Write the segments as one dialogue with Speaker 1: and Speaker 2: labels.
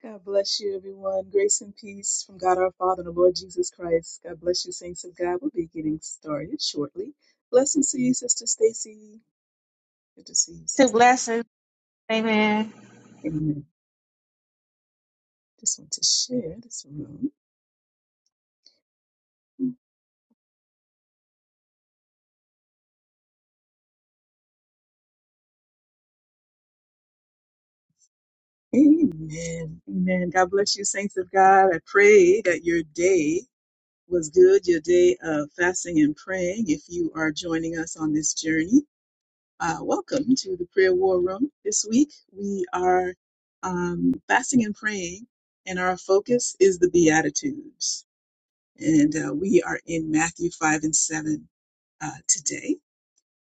Speaker 1: God bless you, everyone. Grace and peace from God our Father and the Lord Jesus Christ. God bless you, saints of God. We'll be getting started shortly. Blessings to you, Sister Stacy. Good to see you,
Speaker 2: Two
Speaker 1: Sister.
Speaker 2: blessings. Amen.
Speaker 1: Amen. Just want to share this room. Amen. Amen. God bless you, saints of God. I pray that your day was good, your day of fasting and praying. If you are joining us on this journey, Uh, welcome to the prayer war room. This week we are um, fasting and praying, and our focus is the Beatitudes. And uh, we are in Matthew 5 and 7 uh, today.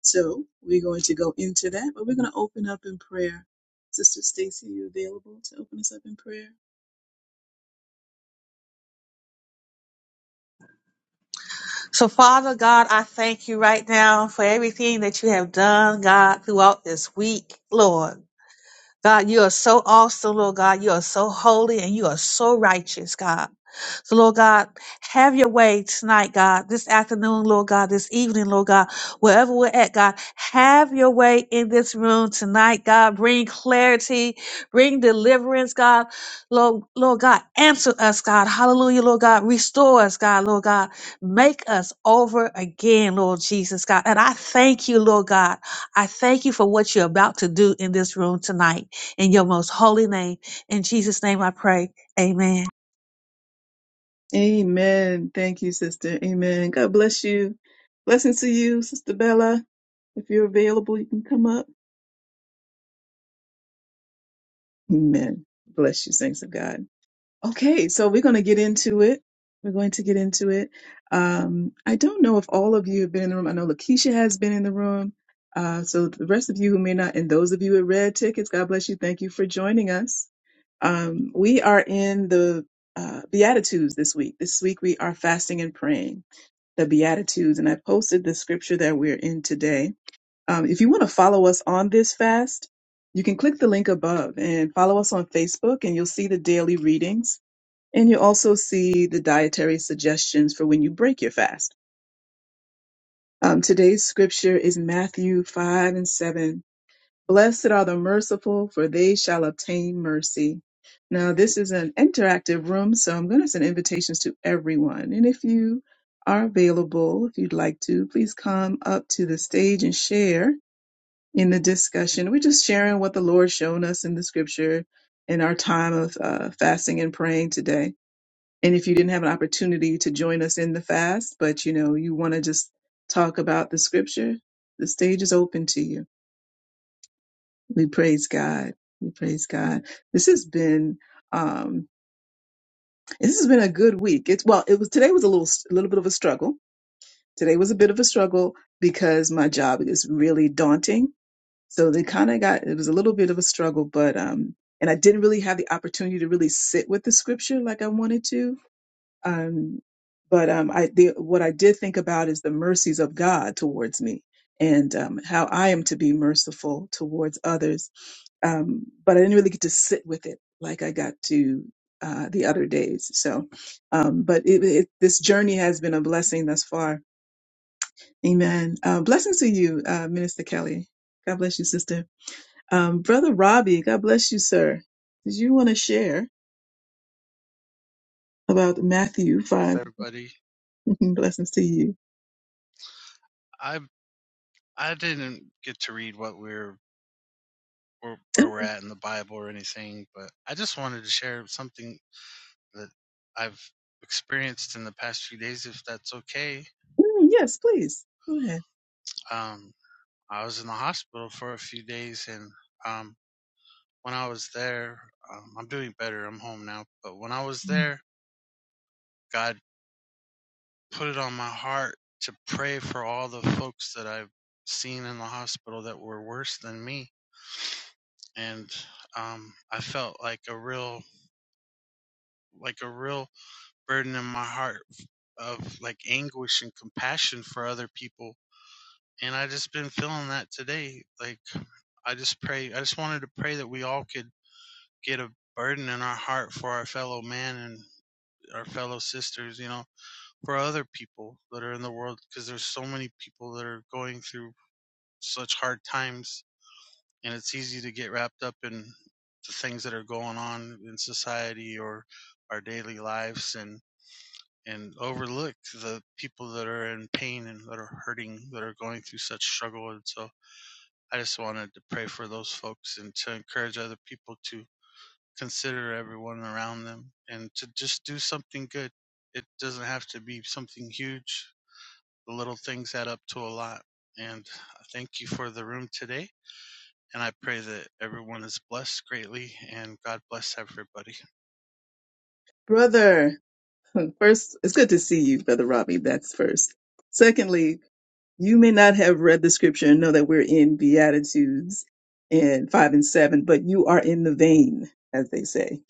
Speaker 1: So we're going to go into that, but we're going to open up in prayer. Sister Stacy, you available to open us up in prayer?
Speaker 2: So, Father God, I thank you right now for everything that you have done, God, throughout this week, Lord. God, you are so awesome, Lord God. You are so holy and you are so righteous, God. So, Lord God, have your way tonight, God, this afternoon, Lord God, this evening, Lord God, wherever we're at, God, have your way in this room tonight, God. Bring clarity, bring deliverance, God. Lord, Lord God, answer us, God. Hallelujah, Lord God. Restore us, God, Lord God. Make us over again, Lord Jesus, God. And I thank you, Lord God. I thank you for what you're about to do in this room tonight in your most holy name. In Jesus' name I pray. Amen.
Speaker 1: Amen. Thank you, Sister. Amen. God bless you. Blessings to you, Sister Bella. If you're available, you can come up. Amen. Bless you, saints of God. Okay, so we're going to get into it. We're going to get into it. Um, I don't know if all of you have been in the room. I know Lakeisha has been in the room. Uh, so the rest of you who may not, and those of you with red tickets, God bless you. Thank you for joining us. Um, we are in the uh, Beatitudes this week. This week we are fasting and praying the Beatitudes, and I posted the scripture that we're in today. Um, if you want to follow us on this fast, you can click the link above and follow us on Facebook, and you'll see the daily readings. And you also see the dietary suggestions for when you break your fast. Um, today's scripture is Matthew 5 and 7. Blessed are the merciful, for they shall obtain mercy. Now, this is an interactive room, so I'm going to send invitations to everyone. And if you are available, if you'd like to, please come up to the stage and share in the discussion. We're just sharing what the Lord's shown us in the scripture in our time of uh, fasting and praying today and if you didn't have an opportunity to join us in the fast, but you know, you want to just talk about the scripture, the stage is open to you. We praise God. We praise God. This has been um this has been a good week. It's well, it was today was a little a little bit of a struggle. Today was a bit of a struggle because my job is really daunting. So they kind of got it was a little bit of a struggle, but um and I didn't really have the opportunity to really sit with the scripture like I wanted to Um, but um, I, the, what I did think about is the mercies of God towards me and um, how I am to be merciful towards others. Um, but I didn't really get to sit with it like I got to uh, the other days. So, um, but it, it, this journey has been a blessing thus far. Amen. Uh, blessings to you, uh, Minister Kelly. God bless you, sister. Um, Brother Robbie, God bless you, sir. Did you want to share about Matthew
Speaker 3: bless
Speaker 1: 5?
Speaker 3: everybody.
Speaker 1: blessings to you.
Speaker 3: I I didn't get to read what we are where, where we're at in the Bible or anything, but I just wanted to share something that I've experienced in the past few days, if that's okay.
Speaker 1: Mm, yes, please. Go ahead.
Speaker 3: Um, I was in the hospital for a few days, and um, when I was there, um, I'm doing better. I'm home now, but when I was there, God put it on my heart to pray for all the folks that I've seen in the hospital that were worse than me and um, I felt like a real like a real burden in my heart of like anguish and compassion for other people, and I just been feeling that today. Like I just pray, I just wanted to pray that we all could get a burden in our heart for our fellow man and our fellow sisters, you know, for other people that are in the world, because there's so many people that are going through such hard times and it's easy to get wrapped up in the things that are going on in society or our daily lives and and overlook the people that are in pain and that are hurting that are going through such struggle and so i just wanted to pray for those folks and to encourage other people to consider everyone around them and to just do something good it doesn't have to be something huge the little things add up to a lot and i thank you for the room today and I pray that everyone is blessed greatly and God bless everybody.
Speaker 1: Brother, first, it's good to see you, Brother Robbie. That's first. Secondly, You may not have read the scripture and know that we're in Beatitudes in five and seven, but you are in the vein, as they say,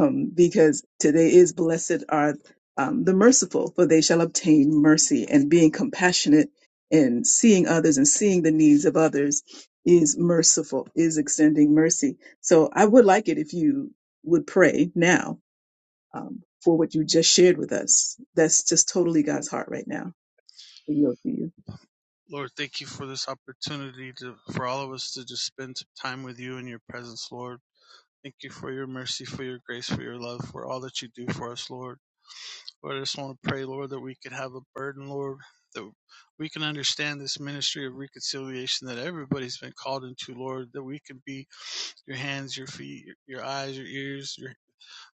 Speaker 1: um, because today is blessed are um, the merciful, for they shall obtain mercy. And being compassionate and seeing others and seeing the needs of others is merciful, is extending mercy. So I would like it if you would pray now um, for what you just shared with us. That's just totally God's heart right now. I yield to you.
Speaker 3: Lord, thank you for this opportunity to, for all of us to just spend time with you in your presence, Lord. Thank you for your mercy, for your grace, for your love, for all that you do for us, Lord. Lord, I just want to pray, Lord, that we could have a burden, Lord, that we can understand this ministry of reconciliation that everybody's been called into, Lord, that we can be your hands, your feet, your eyes, your ears, your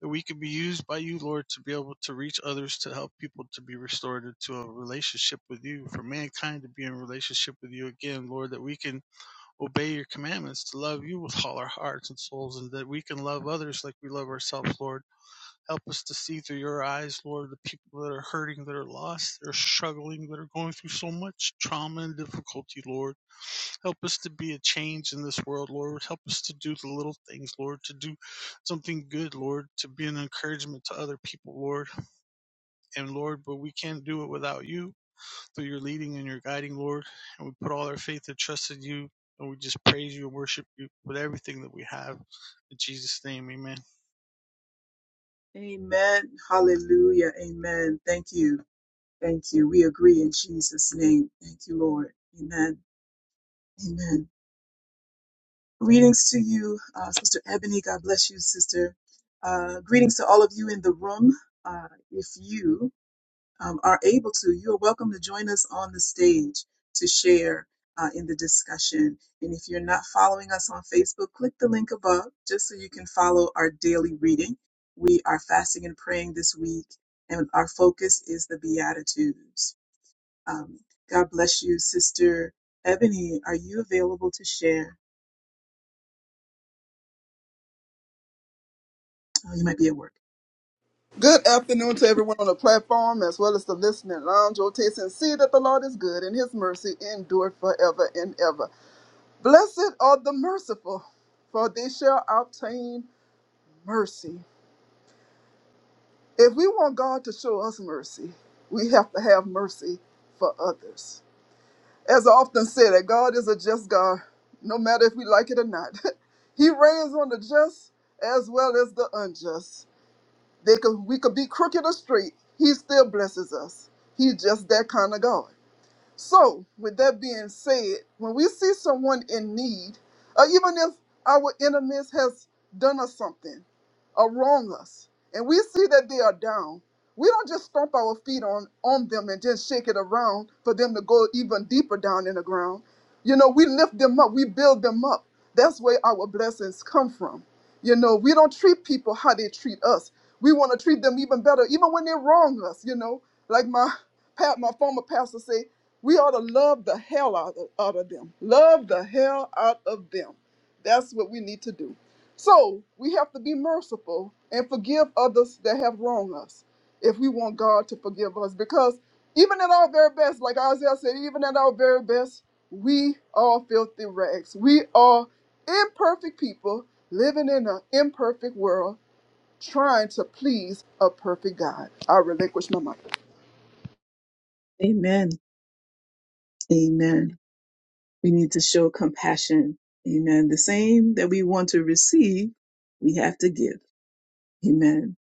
Speaker 3: that we can be used by you, Lord, to be able to reach others, to help people to be restored into a relationship with you, for mankind to be in relationship with you again, Lord, that we can obey your commandments, to love you with all our hearts and souls, and that we can love others like we love ourselves, Lord. Help us to see through your eyes, Lord, the people that are hurting, that are lost, that are struggling, that are going through so much trauma and difficulty, Lord. Help us to be a change in this world, Lord. Help us to do the little things, Lord, to do something good, Lord, to be an encouragement to other people, Lord. And Lord, but we can't do it without you, through your leading and your guiding, Lord. And we put all our faith and trust in you. And we just praise you and worship you with everything that we have. In Jesus' name, amen.
Speaker 1: Amen. Hallelujah. Amen. Thank you. Thank you. We agree in Jesus' name. Thank you, Lord. Amen. Amen. Greetings to you, uh, Sister Ebony. God bless you, Sister. Uh, greetings to all of you in the room. Uh, if you um, are able to, you are welcome to join us on the stage to share uh, in the discussion. And if you're not following us on Facebook, click the link above just so you can follow our daily reading. We are fasting and praying this week, and our focus is the Beatitudes. Um, God bless you, Sister Ebony. Are you available to share? Oh, you might be at work.
Speaker 4: Good afternoon to everyone on the platform as well as the listening lounge. Oh, taste and see that the Lord is good and his mercy endure forever and ever. Blessed are the merciful, for they shall obtain mercy. If we want God to show us mercy, we have to have mercy for others. As I often say, that God is a just God, no matter if we like it or not. he reigns on the just as well as the unjust. They could, we could be crooked or straight. He still blesses us. He's just that kind of God. So, with that being said, when we see someone in need, or even if our enemies has done us something or wrong us, and we see that they are down, we don't just stomp our feet on, on them and just shake it around for them to go even deeper down in the ground. You know, we lift them up, we build them up. That's where our blessings come from. You know, we don't treat people how they treat us. We want to treat them even better, even when they wrong us, you know. Like my pa- my former pastor say. We ought to love the hell out of, out of them. Love the hell out of them. That's what we need to do. So we have to be merciful and forgive others that have wronged us if we want God to forgive us. Because even at our very best, like Isaiah said, even at our very best, we are filthy rags. We are imperfect people living in an imperfect world trying to please a perfect God. I relinquish my mind.
Speaker 1: Amen. Amen. We need to show compassion. Amen. The same that we want to receive, we have to give. Amen.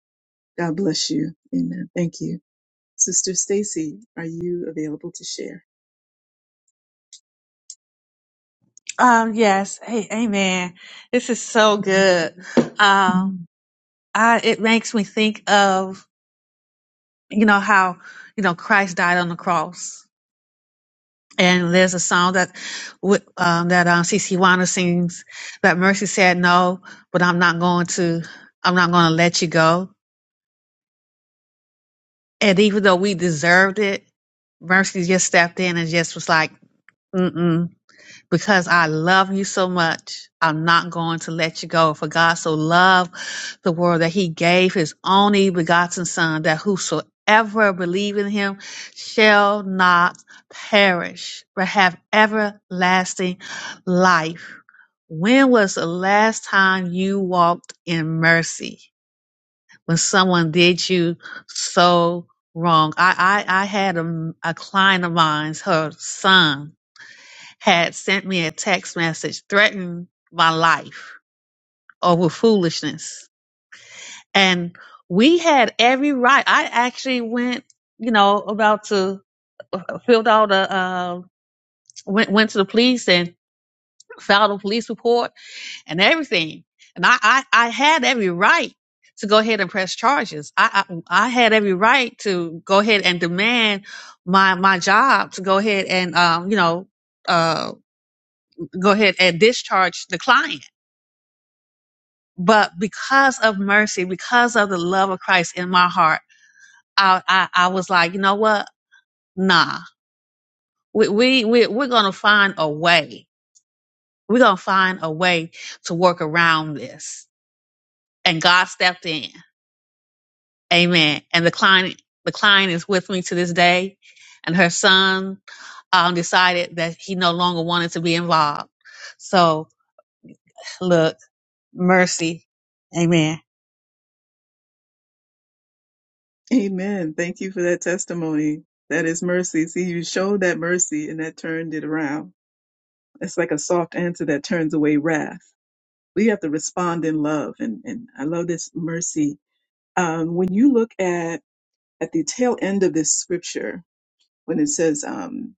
Speaker 1: God bless you. Amen. Thank you. Sister Stacy, are you available to share?
Speaker 2: Um, yes. Hey, amen. This is so good. Um,
Speaker 1: Mhm.
Speaker 2: I, it makes me think of, you know, how, you know, Christ died on the cross. And there's a song that, wi- um, that, um, CC Wanda sings that mercy said, no, but I'm not going to, I'm not going to let you go. And even though we deserved it, mercy just stepped in and just was like, mm-mm because I love you so much. I'm not going to let you go. For God so loved the world that he gave his only begotten son that whosoever believe in him shall not perish, but have everlasting life. When was the last time you walked in mercy when someone did you so wrong? I, I, I had a, a client of mine, her son had sent me a text message threatening my life over foolishness. And we had every right. I actually went, you know, about to uh, filled out a, uh, went, went to the police and filed a police report and everything. And I, I, I had every right to go ahead and press charges. I, I, I had every right to go ahead and demand my, my job to go ahead and, um, you know, uh, go ahead and discharge the client but because of mercy, because of the love of Christ in my heart, I I, I was like, you know what? Nah, we we, we we're gonna find a way. We're gonna find a way to work around this. And God stepped in. Amen. And the client the client is with me to this day, and her son um, decided that he no longer wanted to be involved. So look, mercy. Amen.
Speaker 1: Amen. Thank you for that testimony. That is mercy. See, you showed that mercy and that turned it around. It's like a soft answer that turns away wrath. We have to respond in love. And, and I love this mercy. Um, when you look at, at the tail end of this scripture, when it says, um,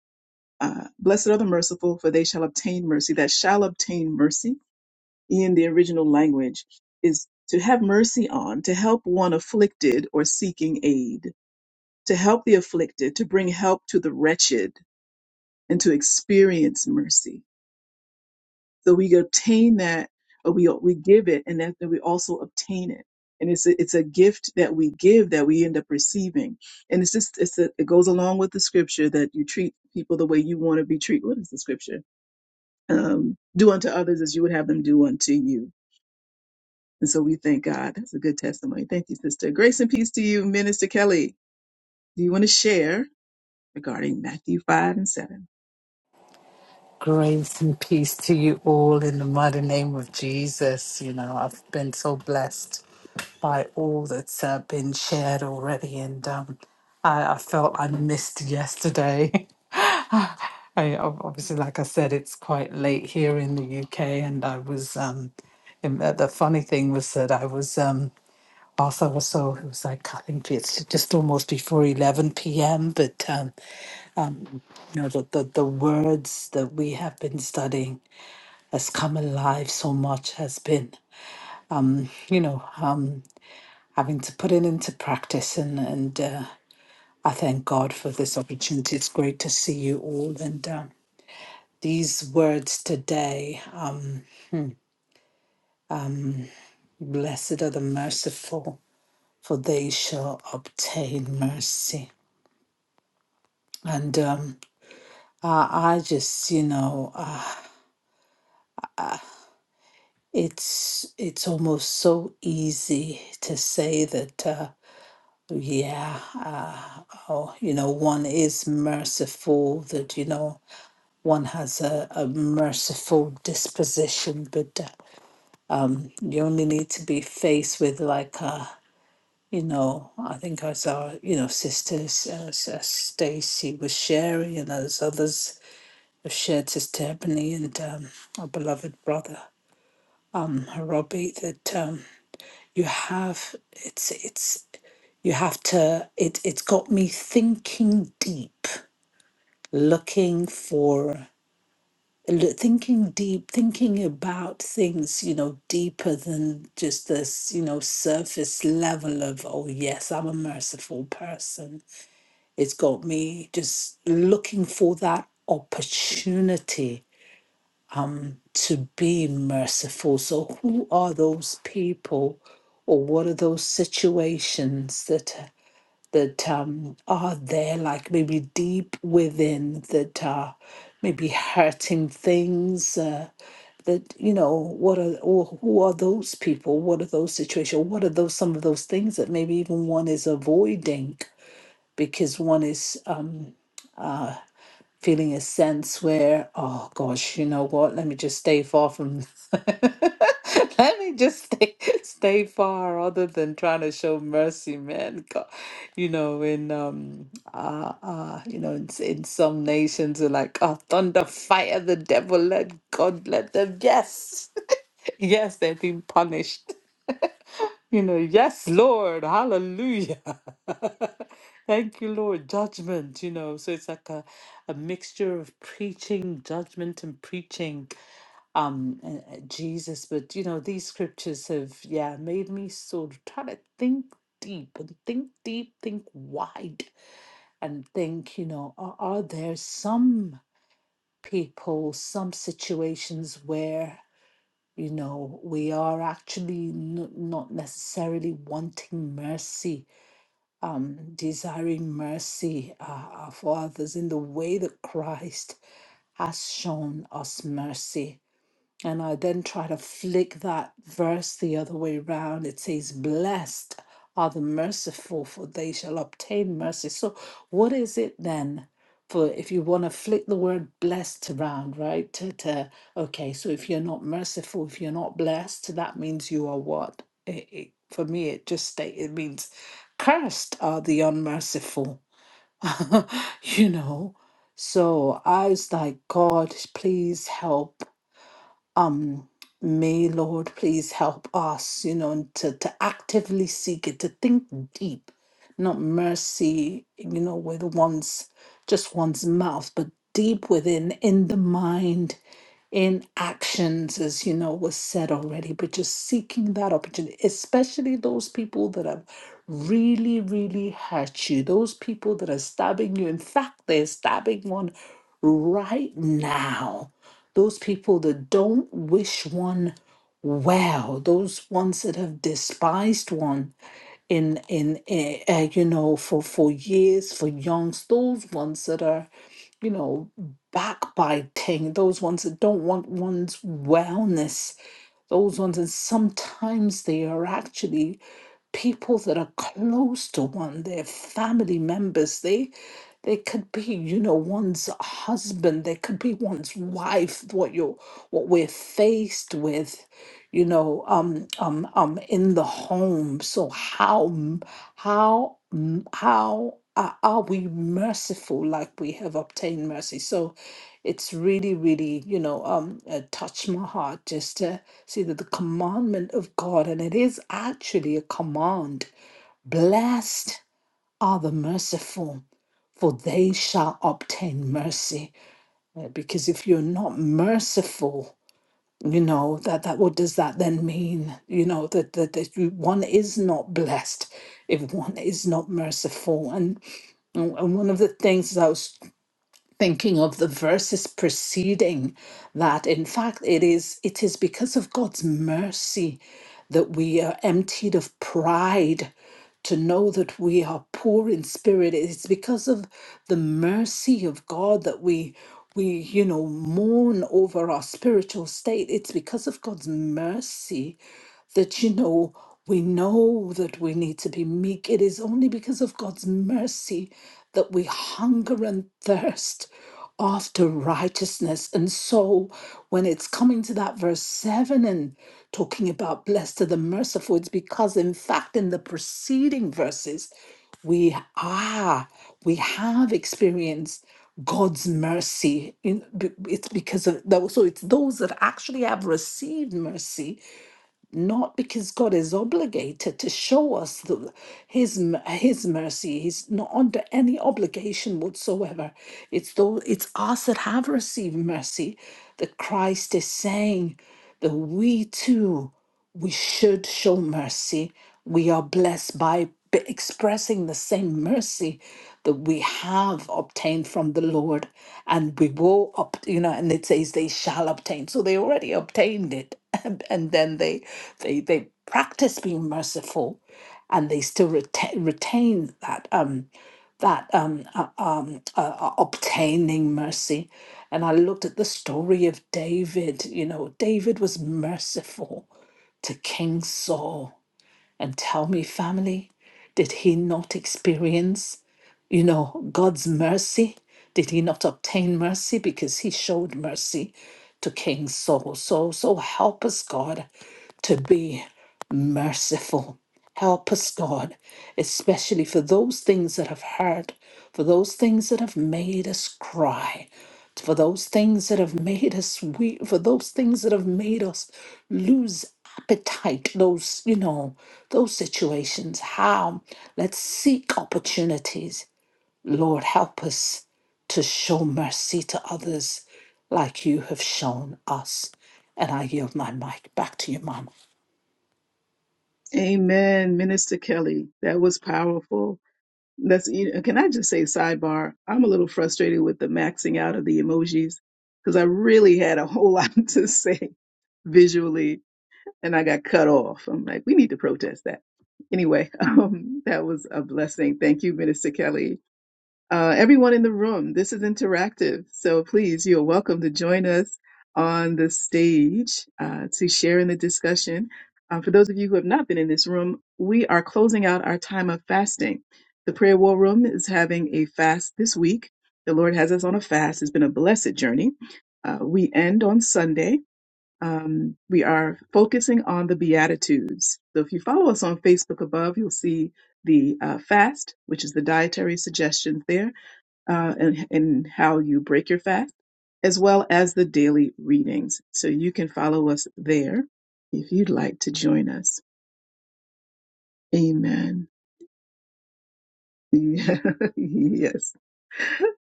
Speaker 1: uh, blessed are the merciful for they shall obtain mercy, that shall obtain mercy in the original language is to have mercy on, to help one afflicted or seeking aid, to help the afflicted, to bring help to the wretched, and to experience mercy. So we obtain that, or we we give it, and that, that we also obtain it. And it's a, it's a gift that we give that we end up receiving. And it's just it's a, it goes along with the scripture that you treat people the way you want to be treated. What is the scripture? Um, do unto others as you would have them do unto you And so we thank God. That's a good testimony. Thank you, sister. Grace and peace to you, Minister Kelly. Do you want to share regarding Matthew 5 and 7?
Speaker 5: Grace and peace to you all in the mighty name of Jesus. You know, I've been so blessed by all that's uh, been shared already, and um, I, I felt I missed yesterday. I ob- obviously, like I said, it's quite late here in the UK, and I was. Um, and the the funny thing was that I was um, also was so it was like I think it's just almost before eleven p.m. But um, you know the, the the words that we have been studying has come alive so much has been you know um having to put it into practice and and uh, i thank god for this opportunity it's great to see you all and um these words today um blessed are the merciful for they shall obtain mercy and um i, I just you know uh, it's it's almost so easy to say that uh, yeah Oh, you know, one is merciful, that, you know, one has a, a merciful disposition, but uh, you only need to be faced with, like, uh, you know, I think as our, you know, sisters, uh, S- uh, Stacy was sharing, and as others have shared sister Ebony and um, our beloved brother, uh, Robbie, that um, you have, it's, it's, you have to, it, it's got me thinking deep looking for l- thinking deep, thinking about things, you know, deeper than just this, you know, surface level of, oh, yes, I'm a merciful person. It's got me just looking for that opportunity to be merciful. So, who are those people or what are those situations that? That um, are there, like maybe deep within, that are maybe hurting things, Uh, that you know what are or who are those people what are those situations what are those some of those things that maybe even one is avoiding because one is um, feeling a sense where oh gosh you know what let me just stay far from let me just stay stay far other than trying to show mercy man God, you know in um uh, uh you know in, in some nations are like oh thunder fire the devil let god let them yes yes they have been punished You know, yes, Lord, hallelujah. Thank you, Lord. Judgment, you know, so it's like a, a mixture of preaching, judgment, and preaching um and- and Jesus. But, you know, these scriptures have, yeah, made me sort of try to think deep and think deep, think wide, and think, you know, are, are there some people, some situations where you know, we are actually n- not necessarily wanting mercy um, desiring mercy uh, uh, for others in the way that Christ has shown us mercy. And I then try to flick that verse the other way round. It says, Blessed are the merciful, for they shall obtain mercy. So, what is it then? For if you want to flick the word blessed around, right? To, to, okay, so if you're not merciful, if you're not blessed, that means you are what? It, it, for me, it just state it means cursed are the unmerciful, you know. So I was like, God, please help um may lord please help us you know to to actively seek it to think deep not mercy you know with one's just one's mouth but deep within in the mind in actions, as you know, was said already, but just seeking that opportunity, especially those people that have really, really hurt you, those people that are stabbing you. In fact, they're stabbing one right now. Those people that don't wish one well, those ones that have despised one in in uh, uh, you know for for years for youngs, those ones that are you know, backbiting, those ones that don't want one's wellness, those ones, and sometimes they are actually people that are close to one, their family members. They they could be, you know, one's husband, they could be one's wife, what you're what we're faced with, you know, um um um in the home. So how m- how m- how are are we merciful like we have obtained mercy? So it's really, really, you know, um, uh, touched my heart just to see that the commandment of God, and it is actually a command blessed are the merciful, for they shall obtain mercy. Uh, Because if you're not merciful, you know that that what does that then mean you know that that, that you, one is not blessed if one is not merciful and and and one of the things that I was thinking of the verses preceding that in fact it is it is because of God's mercy that we are emptied of pride to know that we are poor in spirit it's because of the mercy of God that we we you know mourn over our spiritual state it's because of God's mercy that you know we know that we need to be meek it is only because of God's mercy that we hunger and thirst after righteousness. And so when it's coming to that verse 7 and talking about blessed are the merciful, it's because in fact in the preceding verses, we are, we have experienced God's mercy. In- be- It's because of those, so it's those that actually have received mercy not because God is obligated to show us the, his m- his mercy. He's not under any obligation whatsoever. It's though it's us that have received mercy that Christ is saying that we too we should show mercy. We are blessed by b- expressing the same mercy that we have obtained from the Lord, and we will, ob- you know, and it says they shall obtain. So they already obtained it, and, and then they they they practice being merciful, and they still retain retain that um that um uh, um uh, uh, obtaining mercy. And I looked at the story of David. You know, David was merciful to King Saul and tell me, family, did he not experience, you know, God's mercy? Did he not obtain mercy because he showed mercy to King Saul? So, so help us, God, to be merciful. Help us, God, especially for those things that have hurt, for those things that have made us cry, for those things that have made us weak, for those things that have made us lose appetite, those, you know, those situations. How? Let's seek opportunities. Lord, help us to show mercy to others like you have shown us. And I yield my mic back to you, Mom.
Speaker 1: Amen, Minister Kelly. That was powerful. That's you know, can I just say sidebar? I'm a little frustrated with the maxing out of the emojis because I really had a whole lot to say visually and I got cut off. I'm like, we need to protest that. Anyway, um, that was a blessing. Thank you, Minister Kelly. Uh, everyone in the room, this is interactive. So please, you're welcome to join us on the stage uh, to share in the discussion. Uh, for those of you who have not been in this room, we are closing out our time of fasting. The prayer war room is having a fast this week. The Lord has us on a fast. It's been a blessed journey. Uh, we end on Sunday. Um, we are focusing on the Beatitudes. So if you follow us on Facebook above, you'll see the uh, fast, which is the dietary suggestions there uh, and, and how you break your fast, as well as the daily readings. So you can follow us there if you'd like to join us. Amen. Yeah. yes.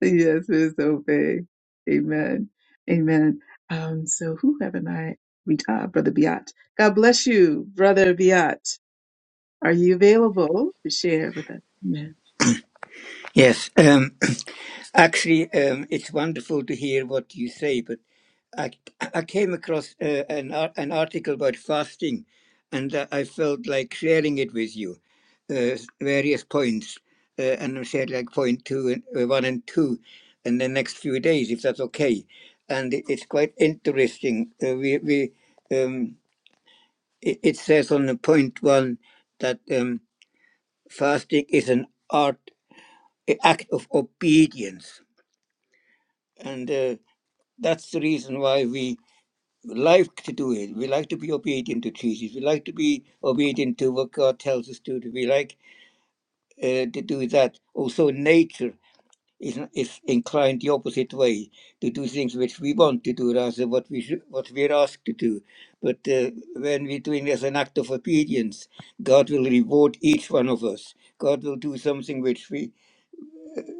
Speaker 1: Yes, Ms. Obey. Amen. Amen. Um, so who haven't I read? Ah, Brother Biat. God bless you, Brother Biat. Are you available to share with us? Amen.
Speaker 6: Yes, um, actually, um, it's wonderful to hear what you say. But I, I came across uh, an ar- an article about fasting, and uh, I felt like sharing it with you. Uh, s- various points, uh, and I shared like point two and uh, one and two, in the next few days, if that's okay. And it, it's quite interesting. Uh, we we um, it, it says on the point one that um, fasting is an art, a act of obedience and uh, That's the reason why we like to do it. We like to be obedient to treaties. We like to be obedient to what God tells us to do. We like uh, to do that. Also, nature is, is inclined the opposite way to do things which we want to do rather than what we should, what we're asked to do. But uh, when we're doing it as an act of obedience, God will reward each one of us. God will do something which we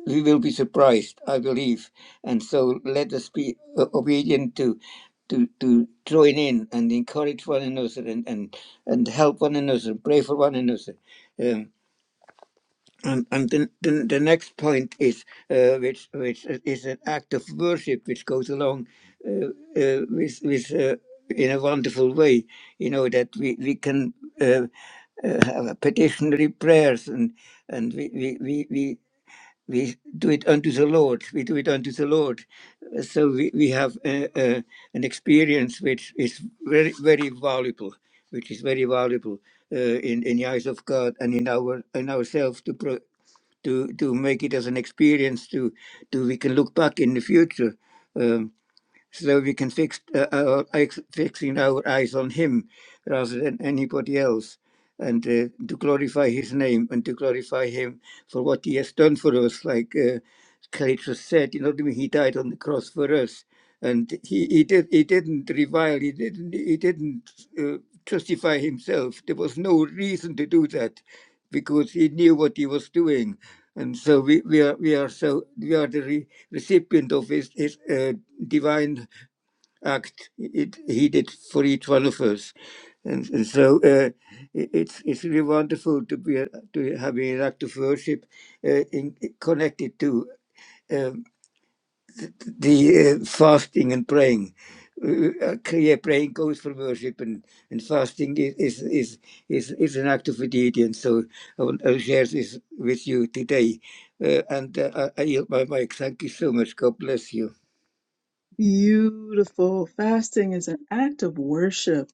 Speaker 6: we will be surprised, I believe. And so let us be uh, obedient to to to join in and encourage one another and and, and help one another, pray for one another. Um, and and the, the, the next point is uh, which which is an act of worship which goes along uh, uh, with with uh, in a wonderful way. You know that we we can uh, uh, have petitionary prayers and and we we we, we we do it unto the Lord. We do it unto the Lord. Uh, So we, we have uh, uh, an experience which is very, very valuable, which is very valuable uh, in, in the eyes of God and in our in ourselves to pro, to to make it as an experience to to we can look back in the future. Um, so we can fix uh, our eyes, fixing our eyes on Him rather than anybody else, and uh, to glorify His name and to glorify Him for what He has done for us. Like uh, Cletus said, you know, what I mean? He died on the cross for us, and He He did He didn't revile, He didn't He didn't uh, justify Himself. There was no reason to do that, because He knew what He was doing. And so we, we are we are so we are the re- recipient of his, his uh, divine act it, he did for each one of us. And, and so uh, it- it's, it's really wonderful to be to having an act of worship uh, in, connected to um, the uh, fasting and praying. Uh, clear praying goes for worship, and, and fasting is, is, is, is, is an act of obedience. So I want to share this with you today. Uh, and uh, I, I yield my mic. Thank you so much. God bless you.
Speaker 1: Beautiful. Fasting is an act of worship.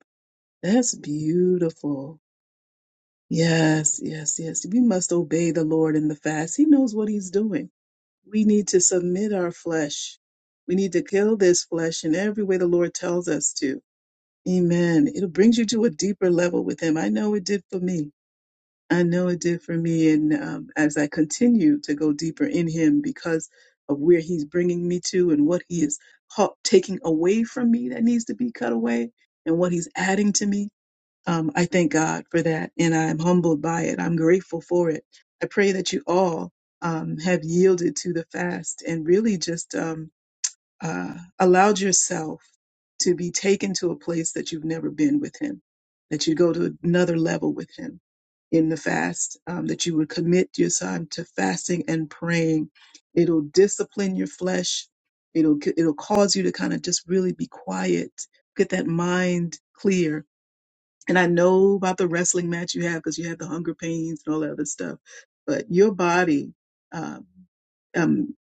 Speaker 1: That's beautiful. Yes, yes, yes. We must obey the Lord in the fast. He knows what he's doing. We need to submit our flesh. We need to kill this flesh in every way the Lord tells us to. Amen. It brings you to a deeper level with him. I know it did for me. I know it did for me. And um, as I continue to go deeper in him because of where he's bringing me to and what he is caught, taking away from me that needs to be cut away and what he's adding to me, um, I thank God for that, and I'm humbled by it. I'm grateful for it. I pray that you all um, have yielded to the fast and really just um, uh, allowed yourself to be taken to a place that you've never been with Him, that you go to another level with Him in the fast, um, that you would commit your time to fasting and praying. It'll discipline your flesh. It'll it'll cause you to kind of just really be quiet, get that mind clear, and I know about the wrestling match you have because you have the hunger pains and all that other stuff. But your body, um, um,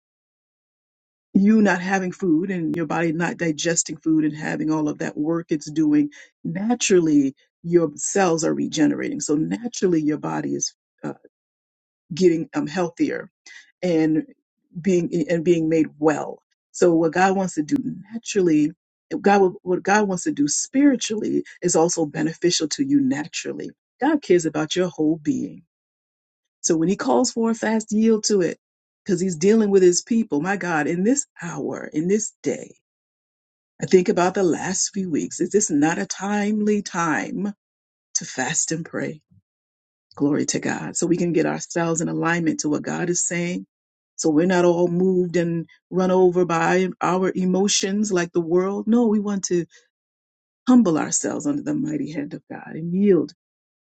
Speaker 1: you not having food and your body not digesting food and having all of that work it's doing, naturally your cells are regenerating. So naturally your body is uh, getting um, healthier and being and being made well. So what God wants to do naturally, God will- what God wants to do spiritually is also beneficial to you naturally. God cares about your whole being. So when he calls for a fast, yield to it because he's dealing with his people. My God, in this hour, in this day, I think about the last few weeks. Is this not a timely time to fast and pray? Glory to God. So we can get ourselves in alignment to what God is saying. So we're not all moved and run over by our emotions like the world. No, we want to humble ourselves under the mighty hand of God and yield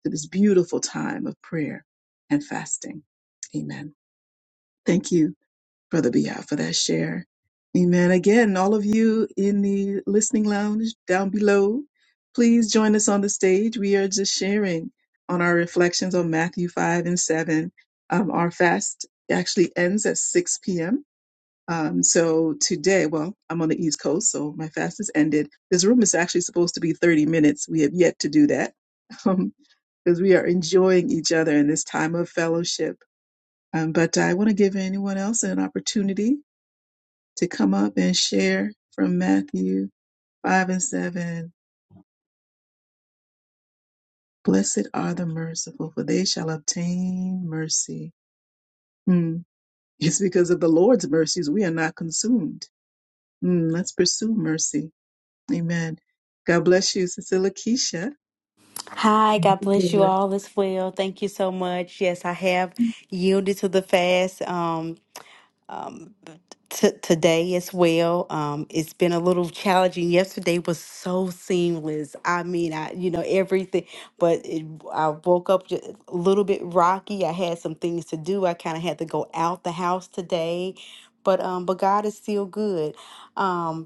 Speaker 1: to this beautiful time of prayer and fasting. Amen. Thank you for the behalf of that share. Amen. Again, all of you in the listening lounge down below, please join us on the stage. We are just sharing on our reflections on Matthew 5 and 7. Um, our fast actually ends at 6 p.m. Um, so today, well, I'm on the East Coast, so my fast is ended. This room is actually supposed to be 30 minutes. We have yet to do that. Um, because we are enjoying each other in this time of fellowship. Um, but I want to give anyone else an opportunity to come up and share from Matthew 5 and 7. Blessed are the merciful, for they shall obtain mercy. Hmm. It's because of the Lord's mercies we are not consumed. Hmm. Let's pursue mercy. Amen. God bless you, Sister Lakeisha.
Speaker 7: Hi, God bless you
Speaker 1: Amen.
Speaker 7: all as well. Thank you so much. Yes, I have yielded to the fast um, um, t- today as well. Um, it's been a little challenging. Yesterday was so seamless. I mean, I you know everything, but it, I woke up ju- a little bit rocky. I had some things to do. I kind of had to go out the house today, but um, but God is still good. Um,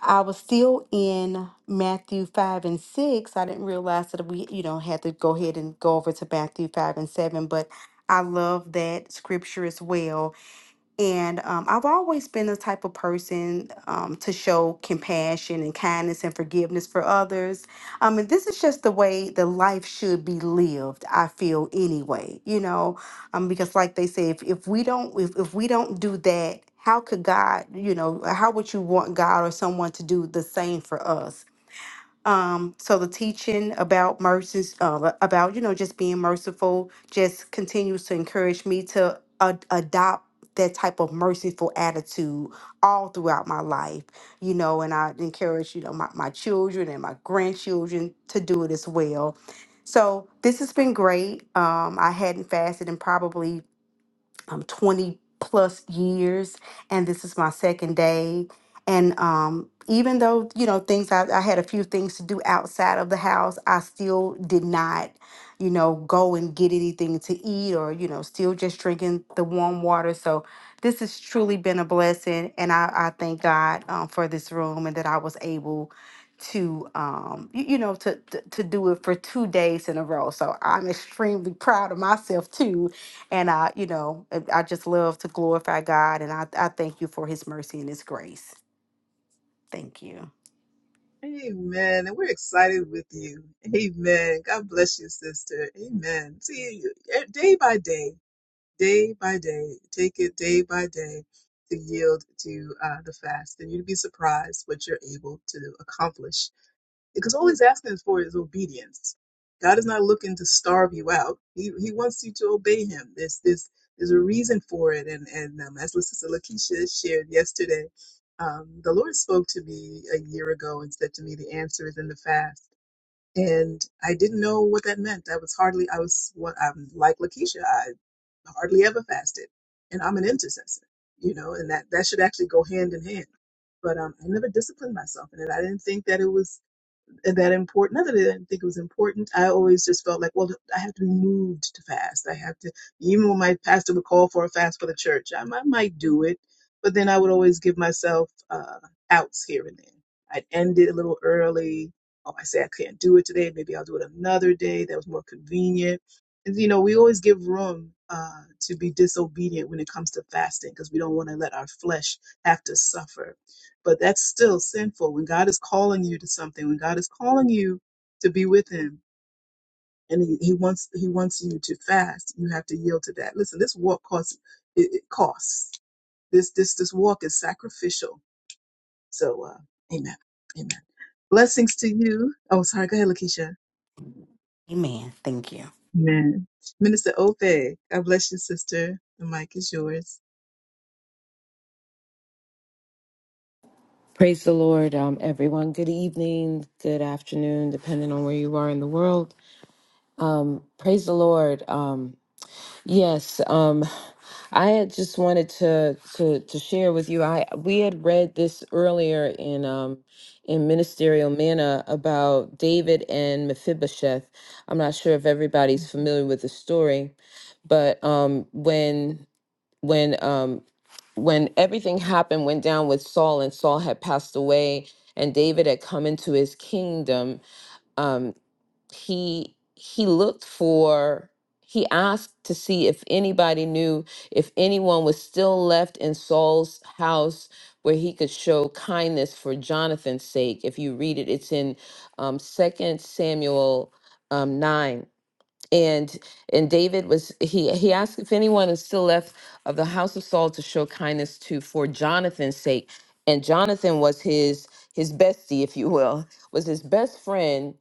Speaker 7: I was still in Matthew 5 and 6. I didn't realize that we, you know, had to go ahead and go over to Matthew 5 and 7, but I love that scripture as well. And um, I've always been the type of person um, to show compassion and kindness and forgiveness for others. Um, and this is just the way the life should be lived. I feel anyway, you know, um, because like they say, if, if we don't if, if we don't do that, how could God, you know, how would you want God or someone to do the same for us? Um, so the teaching about mercy, uh, about you know just being merciful, just continues to encourage me to ad- adopt that type of merciful attitude all throughout my life. You know, and I encourage you know my, my children and my grandchildren to do it as well. So this has been great. Um, I hadn't fasted in probably um, 20 plus years and this is my second day and um, even though you know things I, I had a few things to do outside of the house i still did not you know go and get anything to eat or you know still just drinking the warm water so this has truly been a blessing and i, I thank god um, for this room and that i was able to um you, you know to, to to do it for two days in a row so i'm extremely proud of myself too and I, you know, I I just love to glorify God and I, I thank you for his mercy and his grace. Thank you.
Speaker 1: Amen. And we're excited with you. Amen. God bless you, sister. Amen. See you eh, day by day. day by day. Take it day by day to yield to uh, the fast, and you'd be surprised what you're able to accomplish. Because all He's asking for is obedience. God is not looking to starve you out. He He wants you to obey Him. There's this there's a reason for it, and and um, as Sister Lakeisha shared yesterday, um, the Lord spoke to me a year ago and said to me, "The answer is in the fast." and I didn't know what that meant. I was hardly, I was, what I'm like Lakeisha, I hardly ever fasted, and I'm an intercessor, you know, and that that should actually go hand in hand. But um, I never disciplined myself in it. I didn't think that it was that important. Not that I didn't think it was important. I always just felt like, well, I have to be moved to fast. I have to, even when my pastor would call for a fast for the church, I, I might do it, but then I would always give myself uh, outs here and there. I'd end it a little early. Oh, I say I can't do it today. Maybe I'll do it another day. That was more convenient. And you know, we always give room uh, to be disobedient when it comes to fasting because we don't want to let our flesh have to suffer but that's still sinful. When God is calling you to something, when God is calling you to be with Him, and He, he wants He wants you to fast, you have to yield to that. Listen, this walk costs. It, it costs. This this this walk is sacrificial. So, uh, Amen. Amen. Blessings to you. Oh, sorry. Go ahead, Lakeisha.
Speaker 7: Amen. Thank you.
Speaker 1: Amen. Minister Ope, God bless you, sister. The mic is yours.
Speaker 8: Praise the Lord, um, everyone. Good evening, good afternoon, depending on where you are in the world. Um, praise the Lord. Um, yes, um, I had just wanted to, to to share with you. I we had read this earlier in um, in ministerial manna about David and Mephibosheth. I'm not sure if everybody's familiar with the story, but um, when when um, when everything happened went down with Saul and Saul had passed away and David had come into his kingdom um he he looked for he asked to see if anybody knew if anyone was still left in Saul's house where he could show kindness for Jonathan's sake if you read it it's in um 2 Samuel um 9 and and David was he he asked if anyone is still left of the house of Saul to show kindness to for Jonathan's sake, and Jonathan was his his bestie, if you will, was his best friend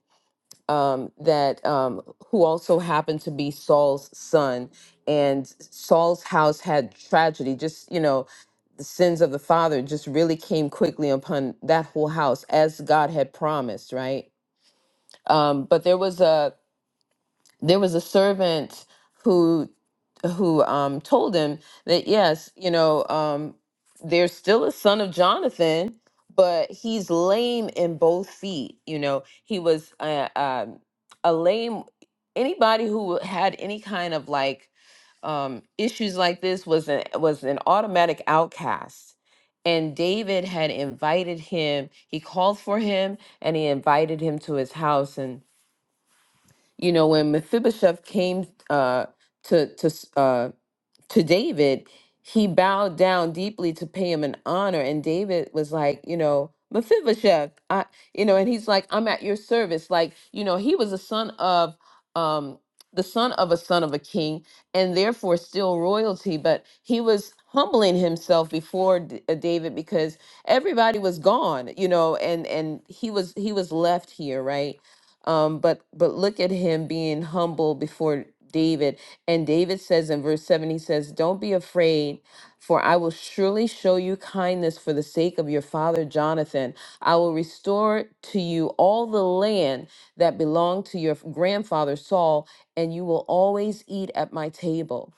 Speaker 8: um, that um, who also happened to be Saul's son. And Saul's house had tragedy, just you know, the sins of the father just really came quickly upon that whole house as God had promised, right? Um, but there was a there was a servant who who um told him that yes you know um there's still a son of jonathan but he's lame in both feet you know he was uh, um a lame anybody who had any kind of like um issues like this was an was an automatic outcast and david had invited him he called for him and he invited him to his house and. You know, when Mephibosheth came uh, to to uh, to David, he bowed down deeply to pay him an honor. And David was like, you know, Mephibosheth, I, you know, and he's like, I'm at your service. Like, you know, he was a son of, um, the son of a son of a king, and therefore still royalty. But he was humbling himself before D- uh, David because everybody was gone, you know, and and he was he was left here, right? Um, but but look at him being humble before David and David says in verse 7, he says, Don't be afraid, for I will surely show you kindness for the sake of your father Jonathan. I will restore to you all the land that belonged to your grandfather Saul, and you will always eat at my table.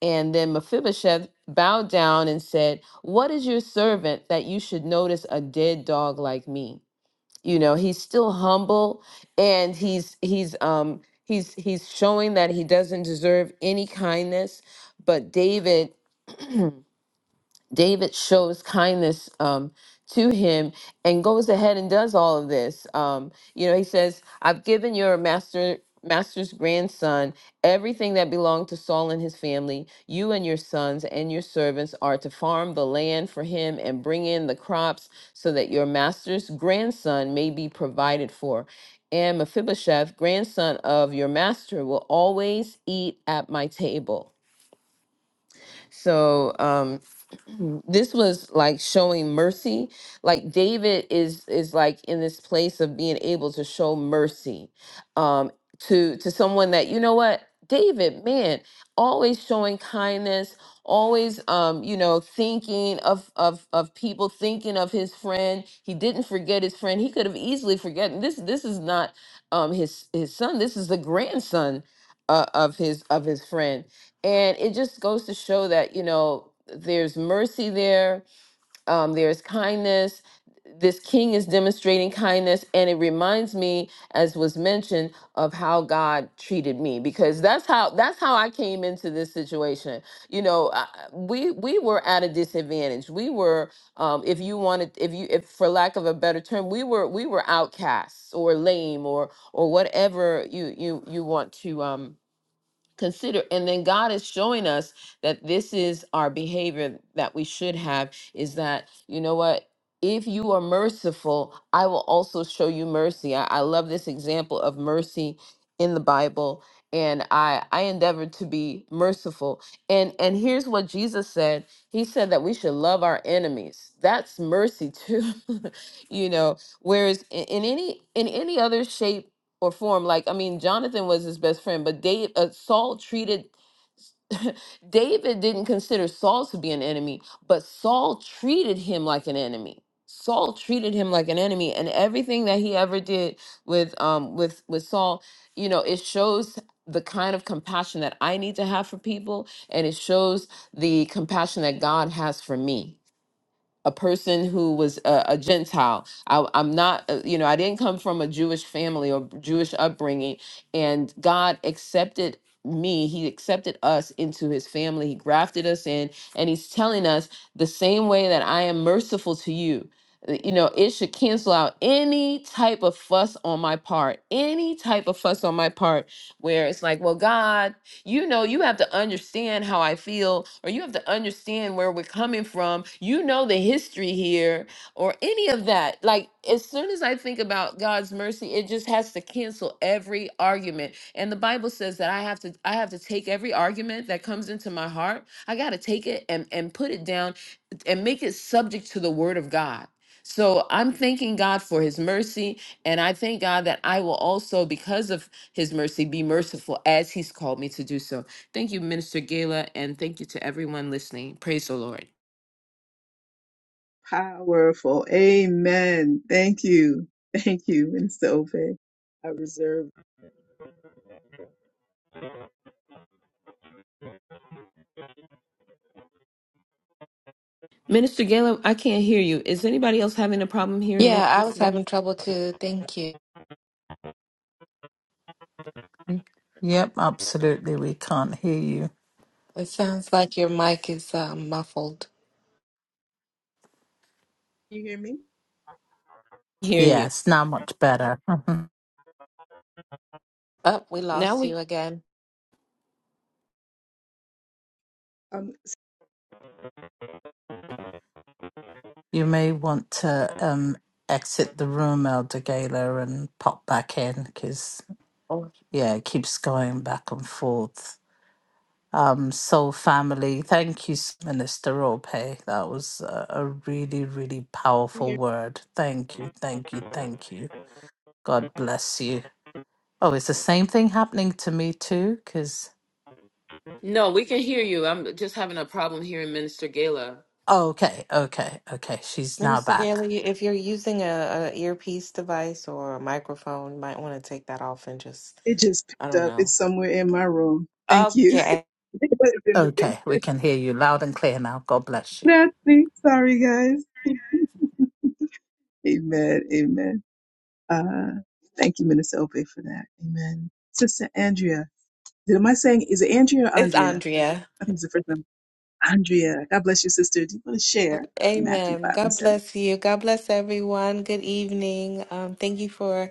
Speaker 8: And then Mephibosheth bowed down and said, What is your servant that you should notice a dead dog like me? you know he's still humble and he's he's um he's he's showing that he doesn't deserve any kindness but david David shows kindness um, to him and goes ahead and does all of this. Um, you know, he says, "I've given your master master's grandson everything that belonged to Saul and his family. You and your sons and your servants are to farm the land for him and bring in the crops, so that your master's grandson may be provided for." And Mephibosheth, grandson of your master, will always eat at my table. So, um, this was like showing mercy like david is is like in this place of being able to show mercy um to to someone that you know what david man always showing kindness always um you know thinking of of of people thinking of his friend he didn't forget his friend he could have easily forgotten this this is not um his his son this is the grandson uh, of his of his friend and it just goes to show that, you know, there's mercy there, um, there's kindness. This king is demonstrating kindness. And it reminds me, as was mentioned, of how God treated me because that's how that's how I came into this situation. You know, I, we we were at a disadvantage. We were, um, if you wanted, if you, if for lack of a better term, we were we were outcasts or lame or or whatever you you you want to um, consider and then god is showing us that this is our behavior that we should have is that you know what if you are merciful i will also show you mercy i, I love this example of mercy in the bible and i i endeavor to be merciful and and here's what jesus said he said that we should love our enemies that's mercy too you know whereas in, in any in any other shape or form. Like, I mean, Jonathan was his best friend, but Dave, uh, Saul treated David didn't consider Saul to be an enemy, but Saul treated him like an enemy. Saul treated him like an enemy, and everything that he ever did with um with with Saul, you know, it shows the kind of compassion that I need to have for people, and it shows the compassion that God has for me a person who was a, a Gentile. I, I'm not, uh, you know, I didn't come from a Jewish family or Jewish upbringing, and God accepted me he accepted us into his family he grafted us in and he's telling us the same way that i am merciful to you Uh, you know it should cancel out any type of fuss on my part any type of fuss on my part where it's like well god you know you have to understand how I feel or you have to understand where we're coming from. You know the history here or any of that. Like as soon as I think about God's mercy, it just has to cancel every argument. And the Bible says that I have to I have to take every argument that comes into my heart. I got to take it and and put it down and make it subject to the word of God. So I'm thanking God for his mercy and I thank God that I will also because of his mercy. Be merciful as he's called me to do so. Thank you, Minister Gala, and thank you to everyone listening. Praise the Lord.
Speaker 1: Powerful. Amen. Thank you. Thank you, Minister Ope. I reserve.
Speaker 8: Minister Gala, I can't hear you. Is anybody else having a problem hearing
Speaker 9: Yeah, I was
Speaker 8: Minister Gala?
Speaker 9: having trouble too. Thank you.
Speaker 5: Yep, absolutely. We can't hear you.
Speaker 9: It sounds like your
Speaker 1: Sorry.
Speaker 9: mic is um, muffled.
Speaker 1: Can you hear me?
Speaker 8: Hear you.
Speaker 5: Yes, now much better.
Speaker 9: Oh, we
Speaker 8: Now
Speaker 9: lost you
Speaker 8: we
Speaker 9: again.
Speaker 1: Um,
Speaker 5: You may want to um, exit the room, Elder Gala, and pop back in because,
Speaker 9: Oh.
Speaker 5: yeah, it keeps going back and forth. Um, Soul Family, thank you, Minister Rope. Hey, That was a, a really, really
Speaker 1: you
Speaker 5: powerful
Speaker 1: hear?
Speaker 5: word. Thank you, thank you, thank you. God bless you. Oh, is the same thing happening to me too? Because,
Speaker 8: No, we can hear you. I'm just having a problem hearing Minister Gala.
Speaker 5: oh, okay, okay, okay. She's now
Speaker 9: Minister
Speaker 5: back.
Speaker 9: Gaylor, you- if you're using a, a earpiece device or a microphone, you might want to take that off and just,
Speaker 1: It just
Speaker 9: I
Speaker 1: picked
Speaker 9: don't
Speaker 1: up.
Speaker 9: know.
Speaker 1: It's somewhere in my room. Thank you.
Speaker 9: Okay.
Speaker 1: It's in the basement.
Speaker 5: Okay, we can hear you loud and clear now. God bless you.
Speaker 1: Nothing. Sorry, guys. Amen. Amen. Uh, thank you, Minister Ope, for that. Amen. Sister Andrea. Did, am I saying, is it Andrea or
Speaker 9: It's
Speaker 1: Andrea?
Speaker 9: Andrea.
Speaker 1: I think it's the first name. Andrea. God bless you, sister. Do you want to share from Matthew
Speaker 9: Amen.
Speaker 1: 5 and
Speaker 9: God
Speaker 1: 7?
Speaker 9: bless you. God bless everyone. Good evening. Um, thank you for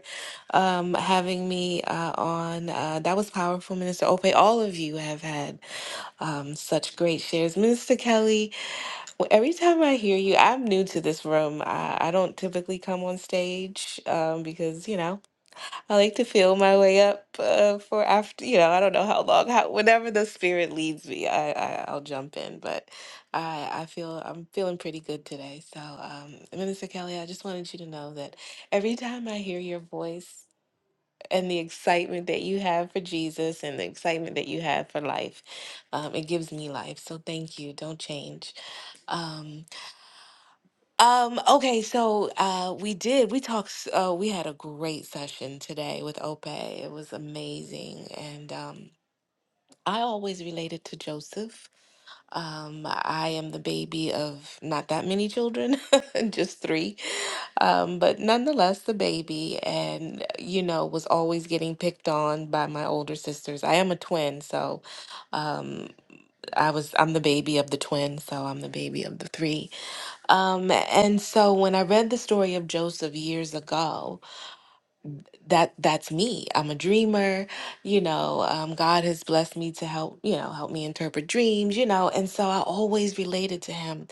Speaker 9: um, having me uh, on. Uh, that was powerful, Minister Ope. All of you have had. um, such great shares. Minister Kelly, well, every time I hear you, I'm new to this room. I, I don't typically come on stage um, because, you know, I like to feel my way up uh, for after, you know, I don't know how long, how, whenever the spirit leads me, I, I, I'll jump in. But I, I feel, I'm feeling pretty good today. So, um, Minister Kelly, I just wanted you to know that every time I hear your voice, and the excitement that you have for Jesus and the excitement that you have for life. Um, it gives me life. So thank you. Don't change. Um, um, okay, so uh, we did. We talked. s- Uh, we had a great session today with Ope. It was amazing, and um, I always related to Joseph. Um, I am the baby of not that many children, just three. Um, but nonetheless, the baby, and you know, was always getting picked on by my older sisters. I am a twin, so um, I was I'm the baby of the twin, so I'm the baby of the three. Um, and so when I read the story of Joseph years ago, that that's me. I'm a dreamer. You know, um, God has blessed me to help you know help me interpret dreams. You know, and so I always related to him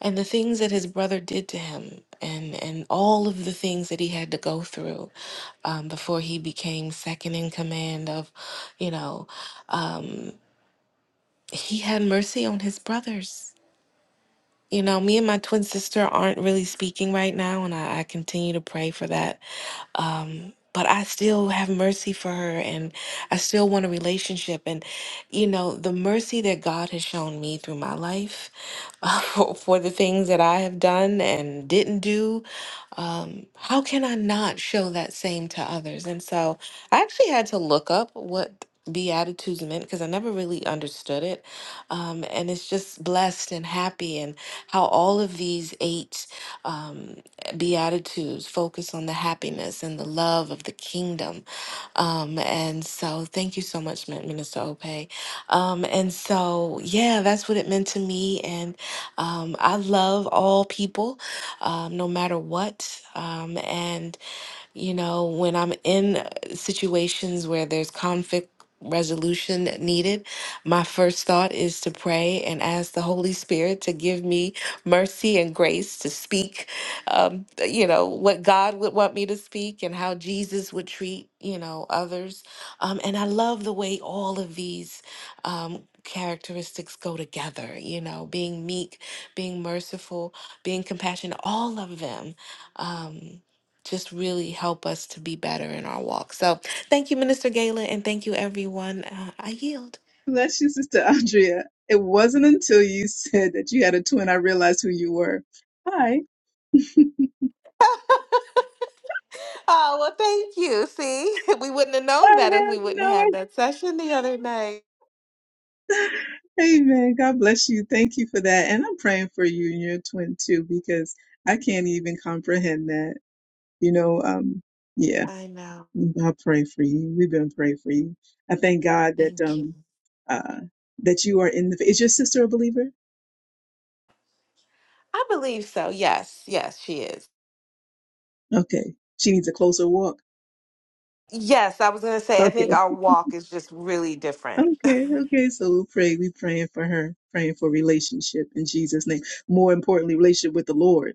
Speaker 9: and the things that his brother did to him and and all of the things that he had to go through um, before he became second in command of you know um, he had mercy on his brothers you know me and my twin sister aren't really speaking right now and i, I continue to pray for that um, but I still have mercy for her and I still want a relationship. And, you know, the mercy that God has shown me through my life for, for the things that I have done and didn't do um, how can I not show that same to others? And so I actually had to look up what Beatitudes meant because I never really understood it. Um, and it's just blessed and happy, and how all of these eight um, Beatitudes focus on the happiness and the love of the kingdom um, and so thank you so much, Min- Minister Ope. Um, and so, yeah, that's what it meant to me. And um, I love all people, um, no matter what. Um, and you know, when I'm in situations where there's conflict resolution needed, my first thought is to pray and ask the Holy Spirit to give me mercy and grace to speak, um, you know, what God would want me to speak and how Jesus would treat, you know, others. Um, and I love the way all of these um, characteristics go together, you know, being meek, being merciful, being compassionate, all of them. Um, just really help us to be better in our walk. So thank you, Minister Gala, and thank you, everyone. Uh, I yield.
Speaker 1: Bless you, Sister Andrea. It wasn't until you said that you had a twin I realized who you were. Hi.
Speaker 9: oh, well, thank you. See, we wouldn't have
Speaker 1: I
Speaker 9: known that if
Speaker 1: had
Speaker 9: we wouldn't
Speaker 1: no
Speaker 9: have
Speaker 1: idea.
Speaker 9: had that session the other night.
Speaker 1: Amen. God bless you. Thank you for that. And I'm praying for you and your twin too, because I can't even comprehend that. You know, um, yeah,
Speaker 9: I know.
Speaker 1: I pray for you. We've been praying for you. I thank God that,
Speaker 9: Thank you.
Speaker 1: um, uh, that you are in the, is your sister a believer?
Speaker 9: I believe so. Yes, yes, she is.
Speaker 1: Okay. She needs a closer walk.
Speaker 9: Yes, I was going to say, I
Speaker 1: Okay.
Speaker 9: think our walk is just really different.
Speaker 1: Okay. Okay. So we'll pray. We're praying for her, praying for relationship in Jesus' name. More importantly, relationship with the Lord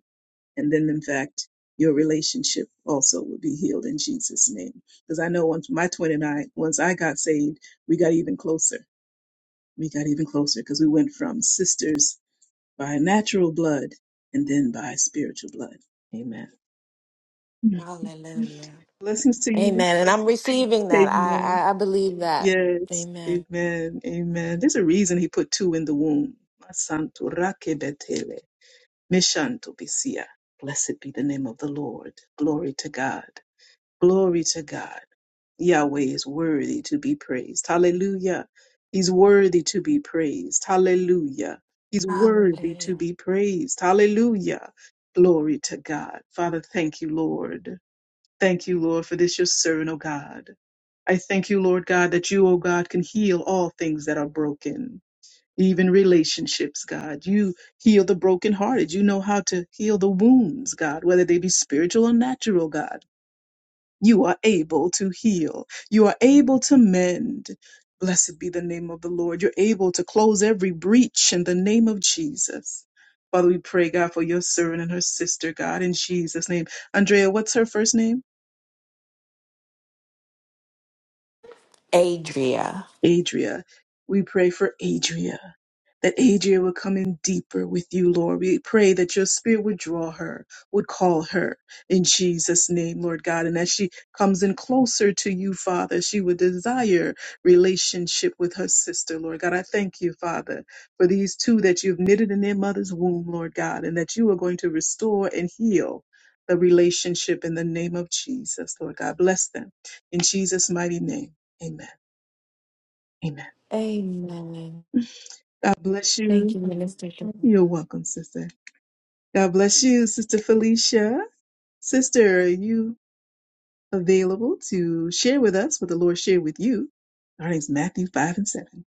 Speaker 1: and then in fact your relationship also will be healed in Jesus name because I know once my twin and I once I got saved we got even closer we got even closer because we went from sisters by natural blood and then by spiritual blood amen
Speaker 9: Hallelujah.
Speaker 1: blessings to you
Speaker 9: Amen. And I'm receiving that. I,
Speaker 1: amen
Speaker 9: I, I believe that.
Speaker 1: yes
Speaker 9: Amen.
Speaker 1: amen amen there's a reason he put two in the womb Masanto rakebetele, mishanto bisia. blessed be the name of the Lord glory to God Glory to God. Yahweh is worthy to be praised. Hallelujah. He's worthy to be praised. Hallelujah. He's worthy to
Speaker 9: Hallelujah.
Speaker 1: be praised. Hallelujah. Glory to God. Father, thank you, Lord. Thank you, Lord, for this your servant, O God. I thank you, Lord God, that you, O God, can heal all things that are broken, even relationships, God. You heal the brokenhearted. You know how to heal the wounds, God, whether they be spiritual or natural, God. You are able to heal. You are able to mend. Blessed be the name of the Lord. You're able to close every breach in the name of Jesus. Father, we pray, God, for your servant and her sister, God, in Jesus' name. Andrea, what's her first name?
Speaker 9: Adria.
Speaker 1: Adria. We pray for Adria. that Adria would come in deeper with you, Lord. We pray that your spirit would draw her, would call her in Jesus' name, Lord God. And as she comes in closer to you, Father, she would desire relationship with her sister, Lord God. I thank you, Father, for these two that you've knitted in their mother's womb, Lord God, and that you are going to restore and heal the relationship in the name of Jesus, Lord God. Bless them in Jesus' mighty name. Amen. Amen.
Speaker 9: Amen.
Speaker 1: God bless
Speaker 9: Thank
Speaker 1: you.
Speaker 9: you, Minister.
Speaker 1: You're
Speaker 9: Deborah.
Speaker 1: welcome, sister. God bless you, Sister Felicia. Sister, are you available to share with us what the Lord shared with you? Our name's Matthew 5 and 7.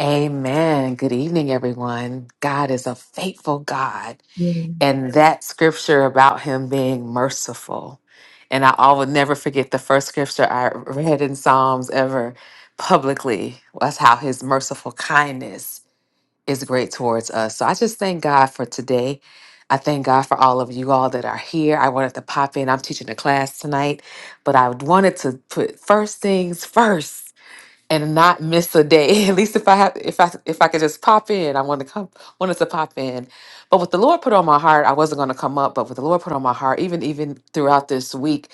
Speaker 10: Amen. Good evening, everyone. God is a faithful God.
Speaker 1: Yeah.
Speaker 10: And that scripture about him being merciful. And I always never forget the first scripture I read in Psalms ever publicly was how his merciful kindness is great towards us. So I just thank God for today. I thank God for all of you all that are here. I wanted to pop in. I'm teaching a class tonight, but I wanted to put first things first and not miss a day. At least if I have, if I if I could just pop in, I want to come, wanted to pop in. But what the Lord put on my heart, I wasn't going to come up. But what the Lord put on my heart, even even throughout this week,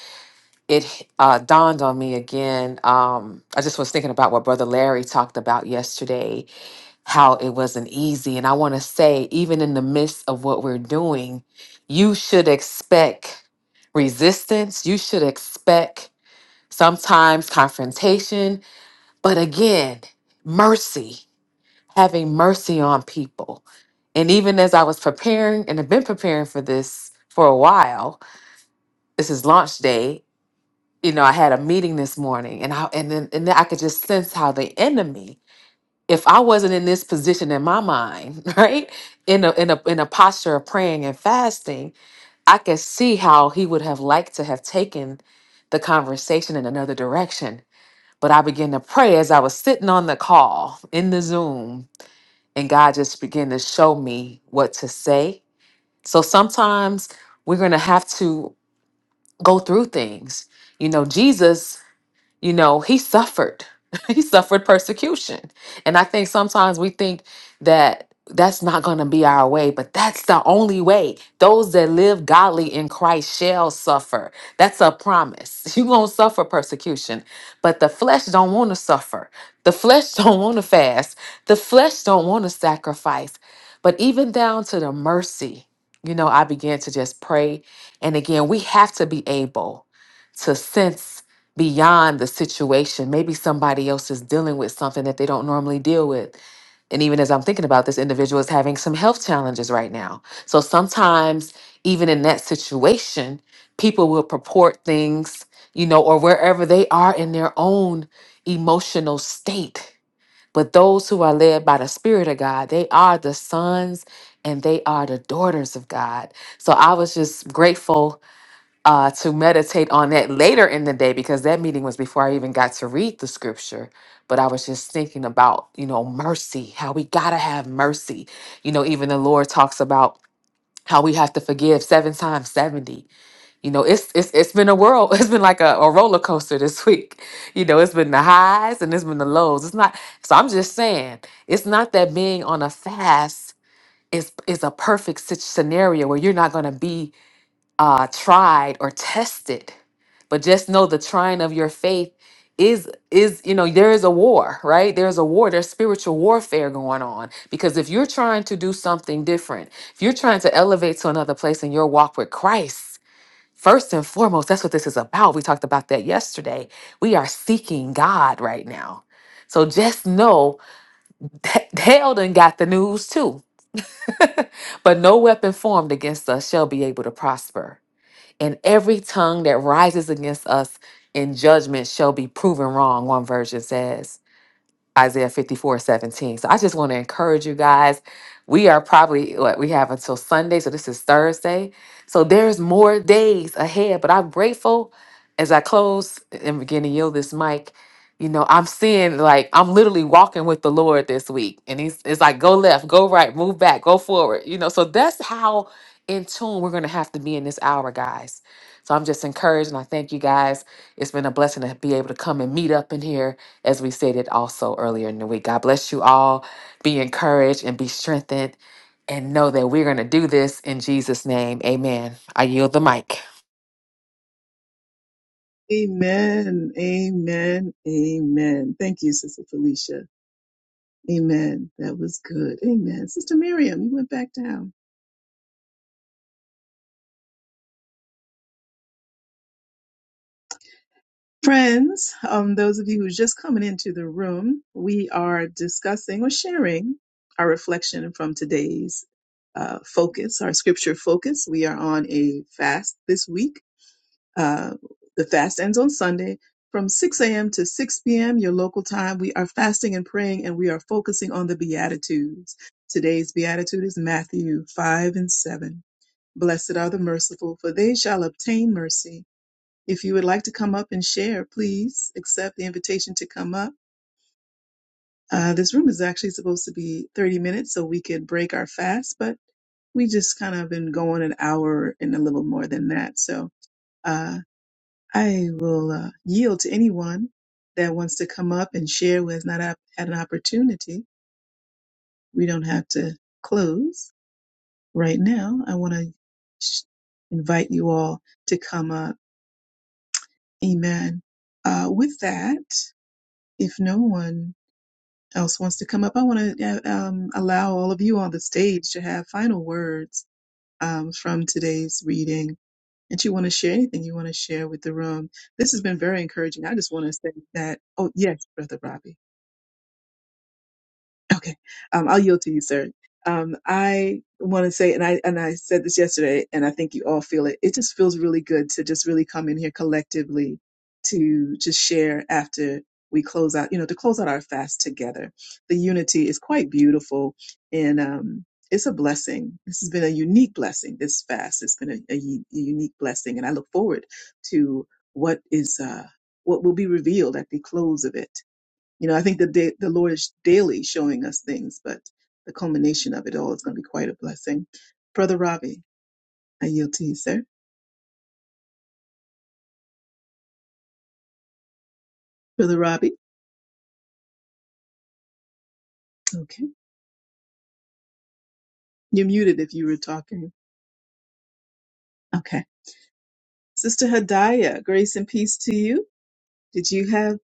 Speaker 10: it uh, dawned on me again. Um, I just was thinking about what Brother Larry talked about yesterday, how it wasn't easy, and I want to say, even in the midst of what we're doing, you should expect resistance. You should expect sometimes confrontation but again, mercy, having mercy on people. And even as I was preparing and have been preparing for this for a while, this is launch day. You know, I had a meeting this morning and I and then and then I could just sense how the enemy, if I wasn't in this position in my mind, right? In a in a in a posture of praying and fasting, I could see how he would have liked to have taken the conversation in another direction but I began to pray as I was sitting on the call in the Zoom, and God just began to show me what to say. So sometimes we're going to have to go through things. You know, Jesus you know, he suffered. he suffered persecution. And I think sometimes we think that that's not going to be our way, but that's the only way. Those that live godly in Christ shall suffer. That's a promise. You going to suffer persecution, but the flesh don't want to suffer. The flesh don't want to fast. The flesh don't want to sacrifice. But even down to the mercy, you know, I began to just pray. And again, we have to be able to sense beyond the situation. Maybe somebody else is dealing with something that they don't normally deal with. And even as I'm thinking about this, individual is having some health challenges right now. So sometimes, even in that situation, people will purport things, you know, or wherever they are in their own emotional state. But those who are led by the Spirit of God, they are the sons and they are the daughters of God. So I was just grateful uh, to meditate on that later in the day because that meeting was before I even got to read the scripture. But I was just thinking about, you know, mercy, how we got to have mercy. You know, even the Lord talks about how we have to forgive seven times 70. You know, it's it's it's been a world, it's been like a, a roller coaster this week. You know, it's been the highs and it's been the lows. It's not so I'm just saying, it's not that being on a fast is is a perfect sit- scenario where you're not going to be uh, tried or tested. But just know the trying of your faith is is you know there is a war right there's a war there's spiritual warfare going on because if you're trying to do something different if you're trying to elevate to another place in your walk with christ first and foremost that's what this is about we talked about that yesterday we are seeking god right now so just know that hell done got the news too but no weapon formed against us shall be able to prosper and every tongue that rises against us in judgment shall be proven wrong, one version says. Isaiah 54 17. So I just want to encourage you guys. We are probably what we have until Sunday. So this is Thursday. So there's more days ahead. But I'm grateful as I close and begin to yield this mic. You know, I'm seeing like I'm literally walking with the Lord this week. And he's it's like go left, go right, move back, go forward. You know, so that's how in tune we're gonna have to be in this hour, guys. So I'm just encouraged and I thank you guys. It's been a blessing to be able to come and meet up in here as we stated also earlier in the week. God bless you all. Be encouraged and be strengthened and know that we're going to do this in Jesus' name. Amen. I yield the mic.
Speaker 1: Amen. Amen. Amen. Thank you, Sister Felicia. Amen. That was good. Amen. Sister Miriam, you went back down. Friends, um, those of you who's just coming into the room, we are discussing or sharing our reflection from today's uh, focus, our scripture focus. We are on a fast this week. Uh, the fast ends on Sunday from 6 a.m. to 6 p.m. your local time. We are fasting and praying, and we are focusing on the Beatitudes. Today's Beatitude is Matthew 5 and 7. Blessed are the merciful, for they shall obtain mercy. If you would like to come up and share, please accept the invitation to come up. Uh, this room is actually supposed to be 30 minutes so we could break our fast, but we just kind of been going an hour and a little more than that. So uh, I will uh, yield to anyone that wants to come up and share who has not op- had an opportunity. We don't have to close right now. I want to sh- invite you all to come up. Amen. Uh, with that, if no one else wants to come up, I want to um, allow all of you on the stage to have final words um, from today's reading. And you want to share anything you want to share with the room. This has been very encouraging. I just want to say that, oh, yes, Brother Robbie. Okay, um, I'll yield to you, sir. Um, I want to say, and I and I said this yesterday, and I think you all feel it. It just feels really good to just really come in here collectively to just share after we close out. You know, to close out our fast together. The unity is quite beautiful, and um, it's a blessing. This has been a unique blessing. This fast, it's been a, a u- a unique blessing, and I look forward to what is uh, what will be revealed at the close of it you know, I think the da- the Lord is daily showing us things, but the culmination of it all is going to be quite a blessing. Brother Robbie, I yield to you, sir. Brother Robbie, okay, you're muted if you were talking. Okay, Sister Hadaya, grace and peace to you. Did you have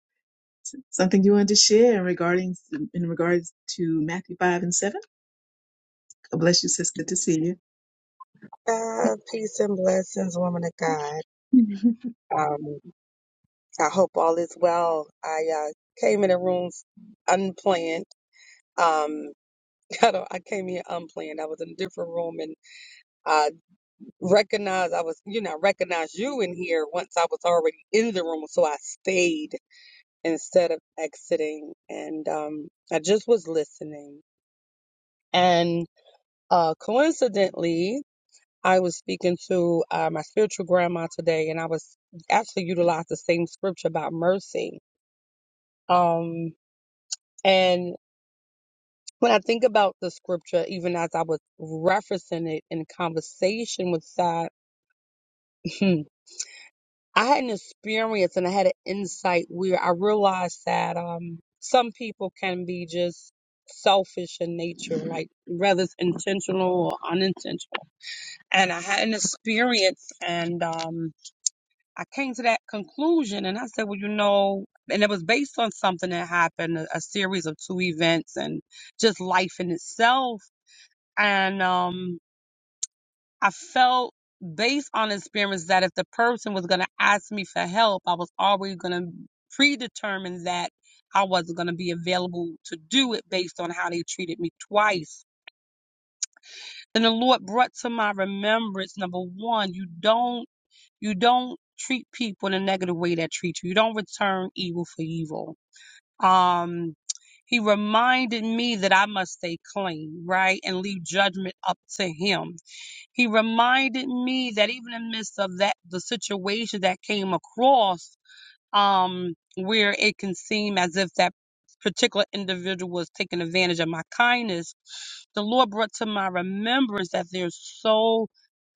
Speaker 1: something you wanted to share in regarding in regards to Matthew five and seven? God bless you, sis. Good to see you.
Speaker 11: Uh, peace and blessings, woman of God. Um, I hope all is well. I uh, came in the room unplanned. Um, I, don't, I came here unplanned. I was in a different room and I recognized I was, you know, I recognized you in here once I was already in the room, so I stayed instead of exiting. And um, I just was listening. And uh, coincidentally, I was speaking to uh, my spiritual grandma today, and I was actually utilized the same scripture about mercy. Um, and when I think about the scripture, even as I was referencing it in conversation with God, I had an experience and I had an insight where I realized that um, some people can be just selfish in nature, like whether it's intentional or unintentional. And I had an experience, and um, I came to that conclusion and I said, well, you know, and it was based on something that happened, a, a series of two events and just life in itself. And um, I felt based on experience that if the person was going to ask me for help, I was already going to predetermine that I wasn't going to be available to do it based on how they treated me twice. And the Lord brought to my remembrance, number one, you don't You don't treat people in a negative way that treat you. You don't return evil for evil. Um, he reminded me that I must stay clean, right? And leave judgment up to him. He reminded me that even in the midst of that, the situation that came across, um, where it can seem as if that particular individual was taking advantage of my kindness, the Lord brought to my remembrance that there's so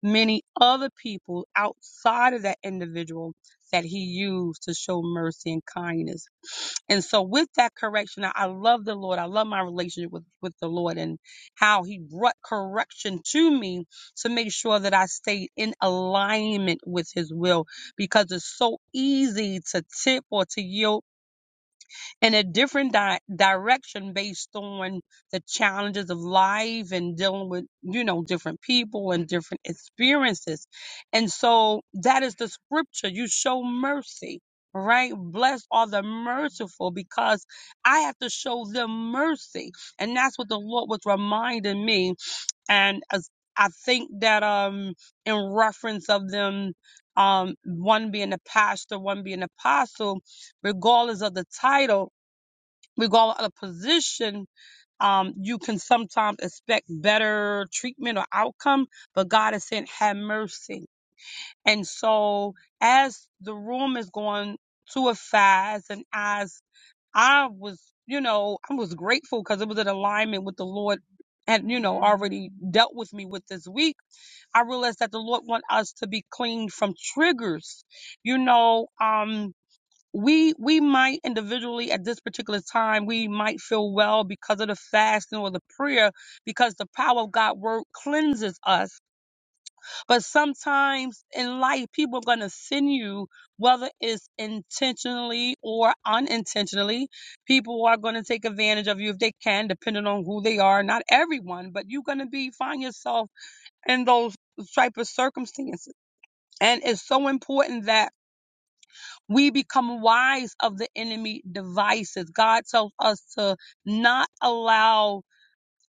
Speaker 11: many other people outside of that individual that he used to show mercy and kindness. And so with that correction, I I love the Lord. I love my relationship with, with the Lord and how he brought correction to me to make sure that I stayed in alignment with his will because it's so easy to tip or to yield in a different di- direction based on the challenges of life and dealing with, you know, different people and different experiences. And so that is the scripture. You show mercy, right? Blessed are the merciful because I have to show them mercy. And that's what the Lord was reminding me and as I think that um in reference of them um one being a pastor, one being apostle, regardless of the title, regardless of the position, um you can sometimes expect better treatment or outcome, but God is saying have mercy. And so as the room is going to a fast and as I was, you know, I was grateful because it was in alignment with the Lord and you know already dealt with me with this week I realized that the Lord want us to be cleaned from triggers. You know, um, we we might individually at this particular time we might feel well because of the fasting or the prayer because the power of God word cleanses us. But sometimes in life, people are gonna send you, whether it's intentionally or unintentionally, people are gonna take advantage of you if they can, depending on who they are. Not everyone, but you're gonna be find yourself in those type of circumstances. And it's so important that we become wise of the enemy devices. God tells us to not allow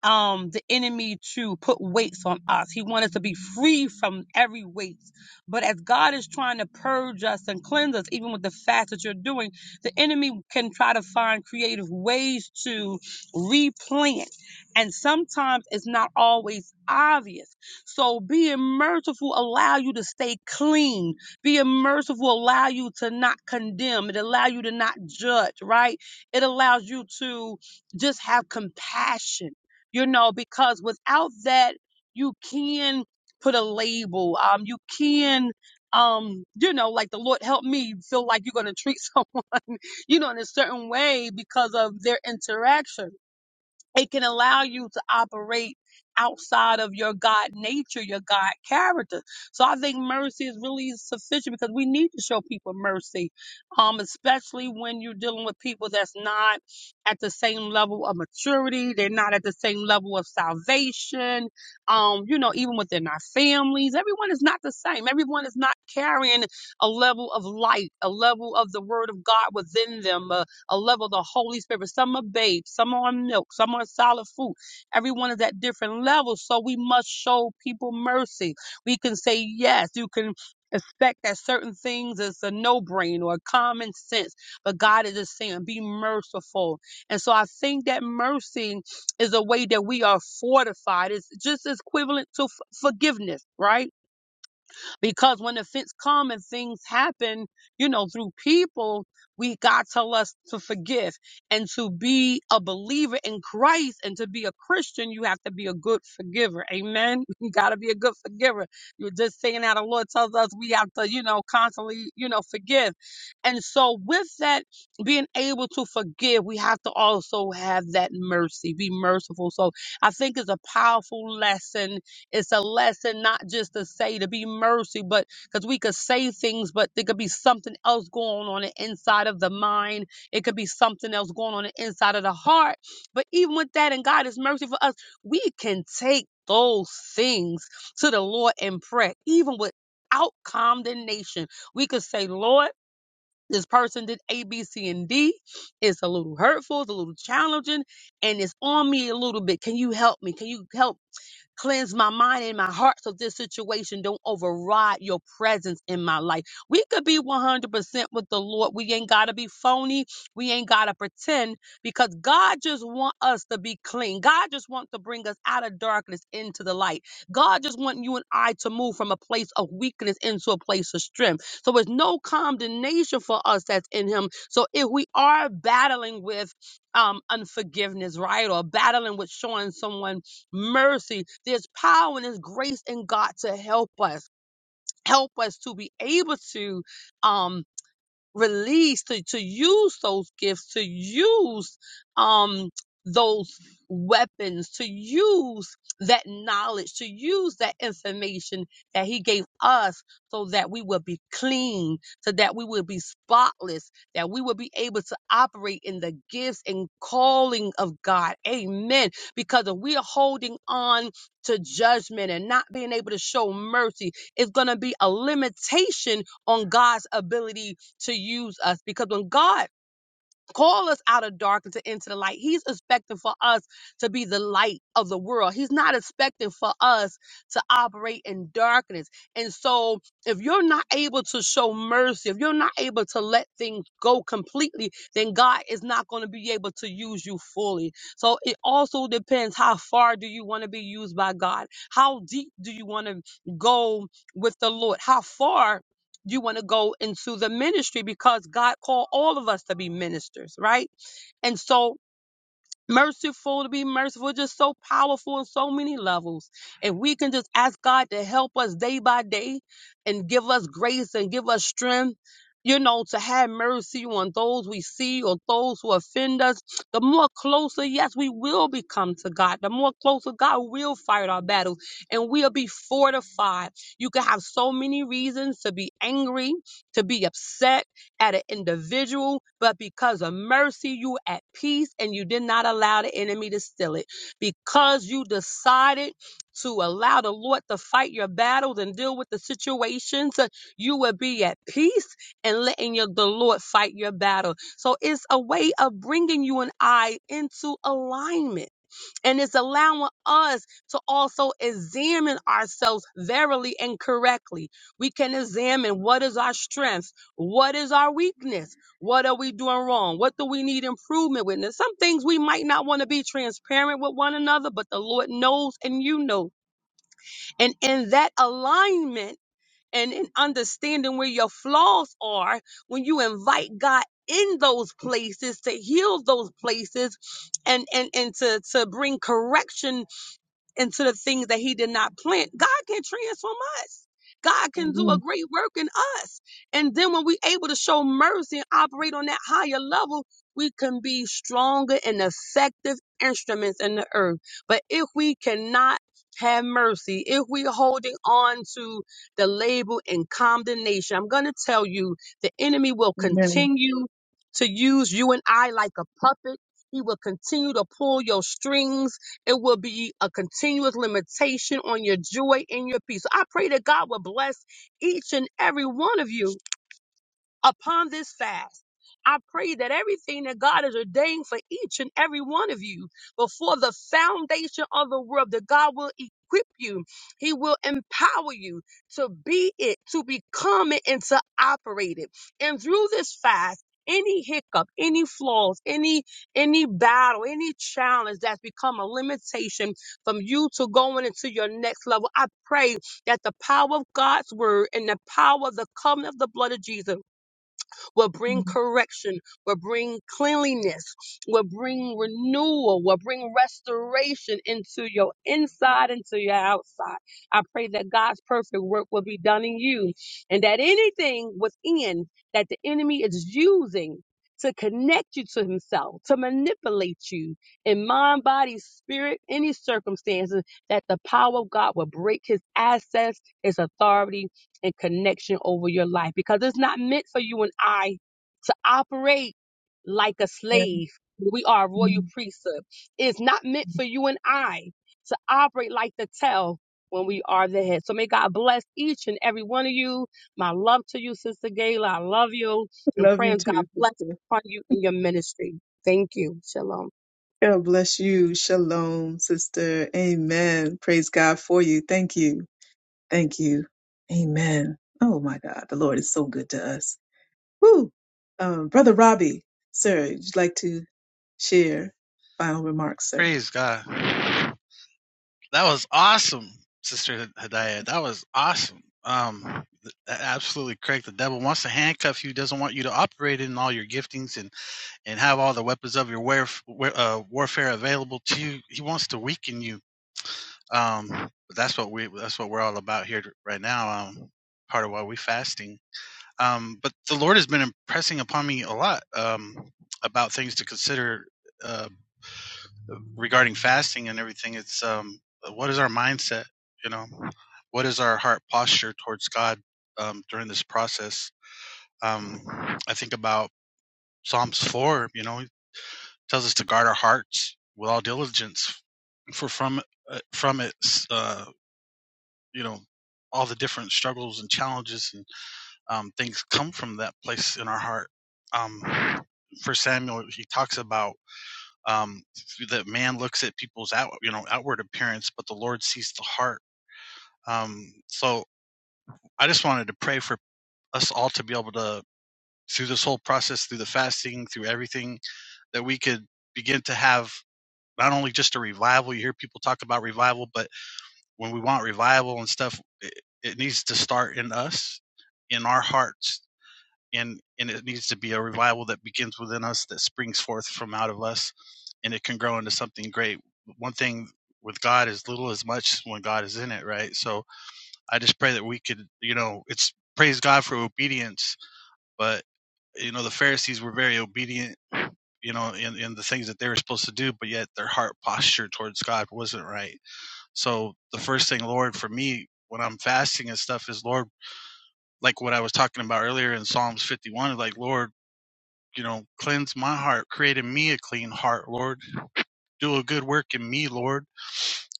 Speaker 11: um the enemy to put weights on us. He wanted to be free from every weight. But as God is trying to purge us and cleanse us, even with the fast that you're doing, the enemy can try to find creative ways to replant. And sometimes it's not always obvious. So being merciful allow you to stay clean. Being merciful allow you to not condemn. It allow you to not judge, right? It allows you to just have compassion you know, because without that, you can put a label. Um, you can, um, you know, like the Lord help me feel like you're going to treat someone, you know, in a certain way because of their interaction it can allow you to operate outside of your God nature, your God character. So I think mercy is really sufficient because we need to show people mercy, um, especially when you're dealing with people that's not at the same level of maturity. They're not at the same level of salvation. Um, you know, even within our families, everyone is not the same. Everyone is not carrying a level of light, a level of the word of God within them, a level of the Holy Spirit. Some are babes, some are on milk, some are solid food. Everyone is at different levels. So we must show people mercy. We can say yes. You can expect that certain things is a no brain or common sense. But God is just saying, be merciful. And so I think that mercy is a way that we are fortified. It's just as equivalent to f- forgiveness, right? Because when offense come and things happen, you know, through people, we God tell us to forgive and to be a believer in Christ and to be a Christian, you have to be a good forgiver. Amen. You got to be a good forgiver. You're just saying how the Lord tells us we have to, you know, constantly, you know, forgive. And so with that being able to forgive, we have to also have that mercy, be merciful. So I think it's a powerful lesson it's a lesson not just to say to be mercy, but because we could say things, but there could be something else going on the inside of the mind. It could be something else going on the inside of the heart. But even with that, and God is mercy for us, we can take those things to the Lord in prayer, even without condemnation. We could say, Lord, this person did A, B, C, and D. It's a little hurtful, it's a little challenging, and it's on me a little bit. Can you help me? Can you help? Cleanse my mind and my heart so this situation don't override your presence in my life. We could be 100% with the Lord. We ain't got to be phony. We ain't got to pretend because God just want us to be clean. God just wants to bring us out of darkness into the light. God just want you and I to move from a place of weakness into a place of strength. So it's no condemnation for us that's in him. So if we are battling with um unforgiveness, right? Or battling with showing someone mercy. There's power and there's grace in God to help us. Help us to be able to um, release to, to use those gifts to use um those weapons to use that knowledge to use that information that he gave us so that we will be clean so that we will be spotless that we will be able to operate in the gifts and calling of god amen because if we are holding on to judgment and not being able to show mercy it's going to be a limitation on god's ability to use us because when God called us out of darkness and into the light, He's expecting for us to be the light of the world. He's not expecting for us to operate in darkness. And so, if you're not able to show mercy, if you're not able to let things go completely, then God is not going to be able to use you fully. So, it also depends how far do you want to be used by God? How deep do you want to go with the Lord? How far? you want to go into the ministry because God called all of us to be ministers, right? And so merciful to be merciful, just so powerful on so many levels. If we can just ask God to help us day by day and give us grace and give us strength, you know, to have mercy on those we see or those who offend us, the more closer, yes, we will become to God. The more closer God will fight our battles and we'll be fortified. You can have so many reasons to be angry, to be upset at an individual, but because of mercy, you at peace and you did not allow the enemy to steal it. Because you decided to allow the Lord to fight your battles and deal with the situations, uh, you will be at peace and letting your, the Lord fight your battle. So it's a way of bringing you and I into alignment and it's allowing us to also examine ourselves verily and correctly. We can examine what is our strength, what is our weakness, what are we doing wrong, what do we need improvement with. Now, some things we might not want to be transparent with one another, but the Lord knows and you know. And in that alignment and in understanding where your flaws are, when you invite God in those places to heal those places and and and to to bring correction into the things that he did not plant. God can transform us. God can do a
Speaker 1: Amen. Amen.
Speaker 11: great work in us. And then when we're able to show mercy and operate on that higher level, we can be stronger and effective instruments in the earth. But if we cannot have mercy, if we're holding on to the label and condemnation, I'm going to tell you the enemy will
Speaker 1: Amen.
Speaker 11: continue to use you and I like a puppet. He will continue to pull your strings it will be a continuous limitation on your joy and your peace. So I pray that God will bless each and every one of you upon this fast. I pray that everything that God has ordained for each and every one of you before the foundation of the world, that God will equip you, He will empower you to be it, to become it, and to operate it. And through this fast, any hiccup, any flaws, any any battle, any challenge that's become a limitation from you to going into your next level, I pray that the power of God's word and the power of the covenant of the blood of Jesus will bring correction, will bring cleanliness, will bring renewal, will bring restoration into your inside, into your outside. I pray that God's perfect work will be done in you and that anything within that the enemy is using to connect you to himself, to manipulate you in mind, body, spirit, any circumstances, that the power of God will break his access, his authority, and connection over your life because it's not meant for you and I to operate like a slave. We are a royal
Speaker 1: Amen.
Speaker 11: priesthood. It's not meant for you and I to operate like the tail when we are the head. So may God bless each and every one of you. My love to you, Sister Gayla. I love you and
Speaker 1: Love you
Speaker 11: prayers God
Speaker 1: too,
Speaker 11: bless
Speaker 1: sister.
Speaker 11: upon you in your ministry. Thank you. Shalom.
Speaker 1: God bless you. Shalom, sister. Amen. Praise God for you. Thank you. Thank you. Amen. Oh my God. The Lord is so good to us. Woo. Um, Brother Robbie, sir, would you like to share final remarks, sir?
Speaker 3: Praise God. That was awesome, Sister Hidayah. That was awesome. Um, th- absolutely correct. The devil wants to handcuff you. Doesn't want you to operate in all your giftings and and have all the weapons of your warf- wa- uh, warfare available to you. He wants to weaken you. Um, but that's what we that's what we're all about here right now. Um, part of why we fasting. Um, but the Lord has been impressing upon me a lot um, about things to consider uh, regarding fasting and everything it's um what is our mindset you know what is our heart posture towards god um during this process um i think about psalms 4 you know it tells us to guard our hearts with all diligence for from uh, from it uh you know all the different struggles and challenges and um things come from that place in our heart um for samuel he talks about um, that man looks at people's out you know outward appearance, but the Lord sees the heart. Um, so I just wanted to pray for us all to be able to through this whole process, through the fasting, through everything, that we could begin to have not only just a revival. You hear people talk about revival, but when we want revival and stuff, it, it needs to start in us, in our hearts, and and it needs to be a revival that begins within us that springs forth from out of us and it can grow into something great one thing with god is little as much when god is in it right so i just pray that we could you know it's praise god for obedience but you know the pharisees were very obedient you know in, in the things that they were supposed to do but yet their heart posture towards god wasn't right so the first thing lord for me when i'm fasting and stuff is lord like what i was talking about earlier in psalms 51 like lord you know, cleanse my heart, create in me a clean heart, Lord. Do a good work in me, Lord.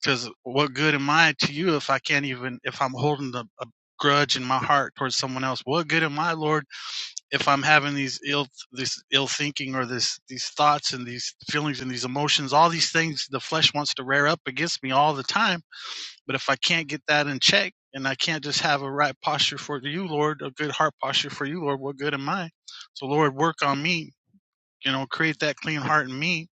Speaker 3: Because what good am I to you if I can't even, if I'm holding a, a grudge in my heart towards someone else? What good am I, Lord, if I'm having these ill, this ill thinking or this, these thoughts and these feelings and these emotions, all these things the flesh wants to rear up against me all the time. But if I can't get that in check and I can't just have a right posture for you, Lord, a good heart posture for you, Lord, what good am I? So, Lord, work on me you know, create that clean heart in me,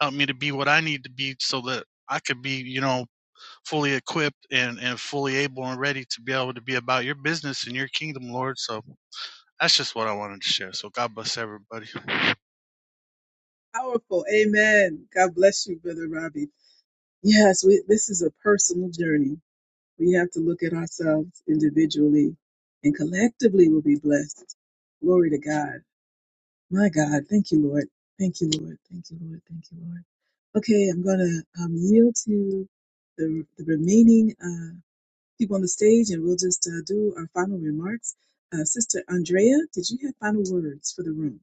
Speaker 3: help me to be what I need to be so that I could be, you know, fully equipped and, and fully able and ready to be able to be about your business and your kingdom, Lord. So that's just what I wanted to share. So God bless everybody.
Speaker 1: Powerful. Amen. God bless you, Brother Robbie. Yes, we, this is a personal journey. We have to look at ourselves individually and collectively we'll be blessed. Glory to God. My God, thank you, Lord. Thank you, Lord. Thank you, Lord. Thank you, Lord. Okay, I'm going to um, yield to the, the remaining uh, people on the stage and we'll just uh, do our final remarks. Uh, Sister Andrea, did you have final words for the room?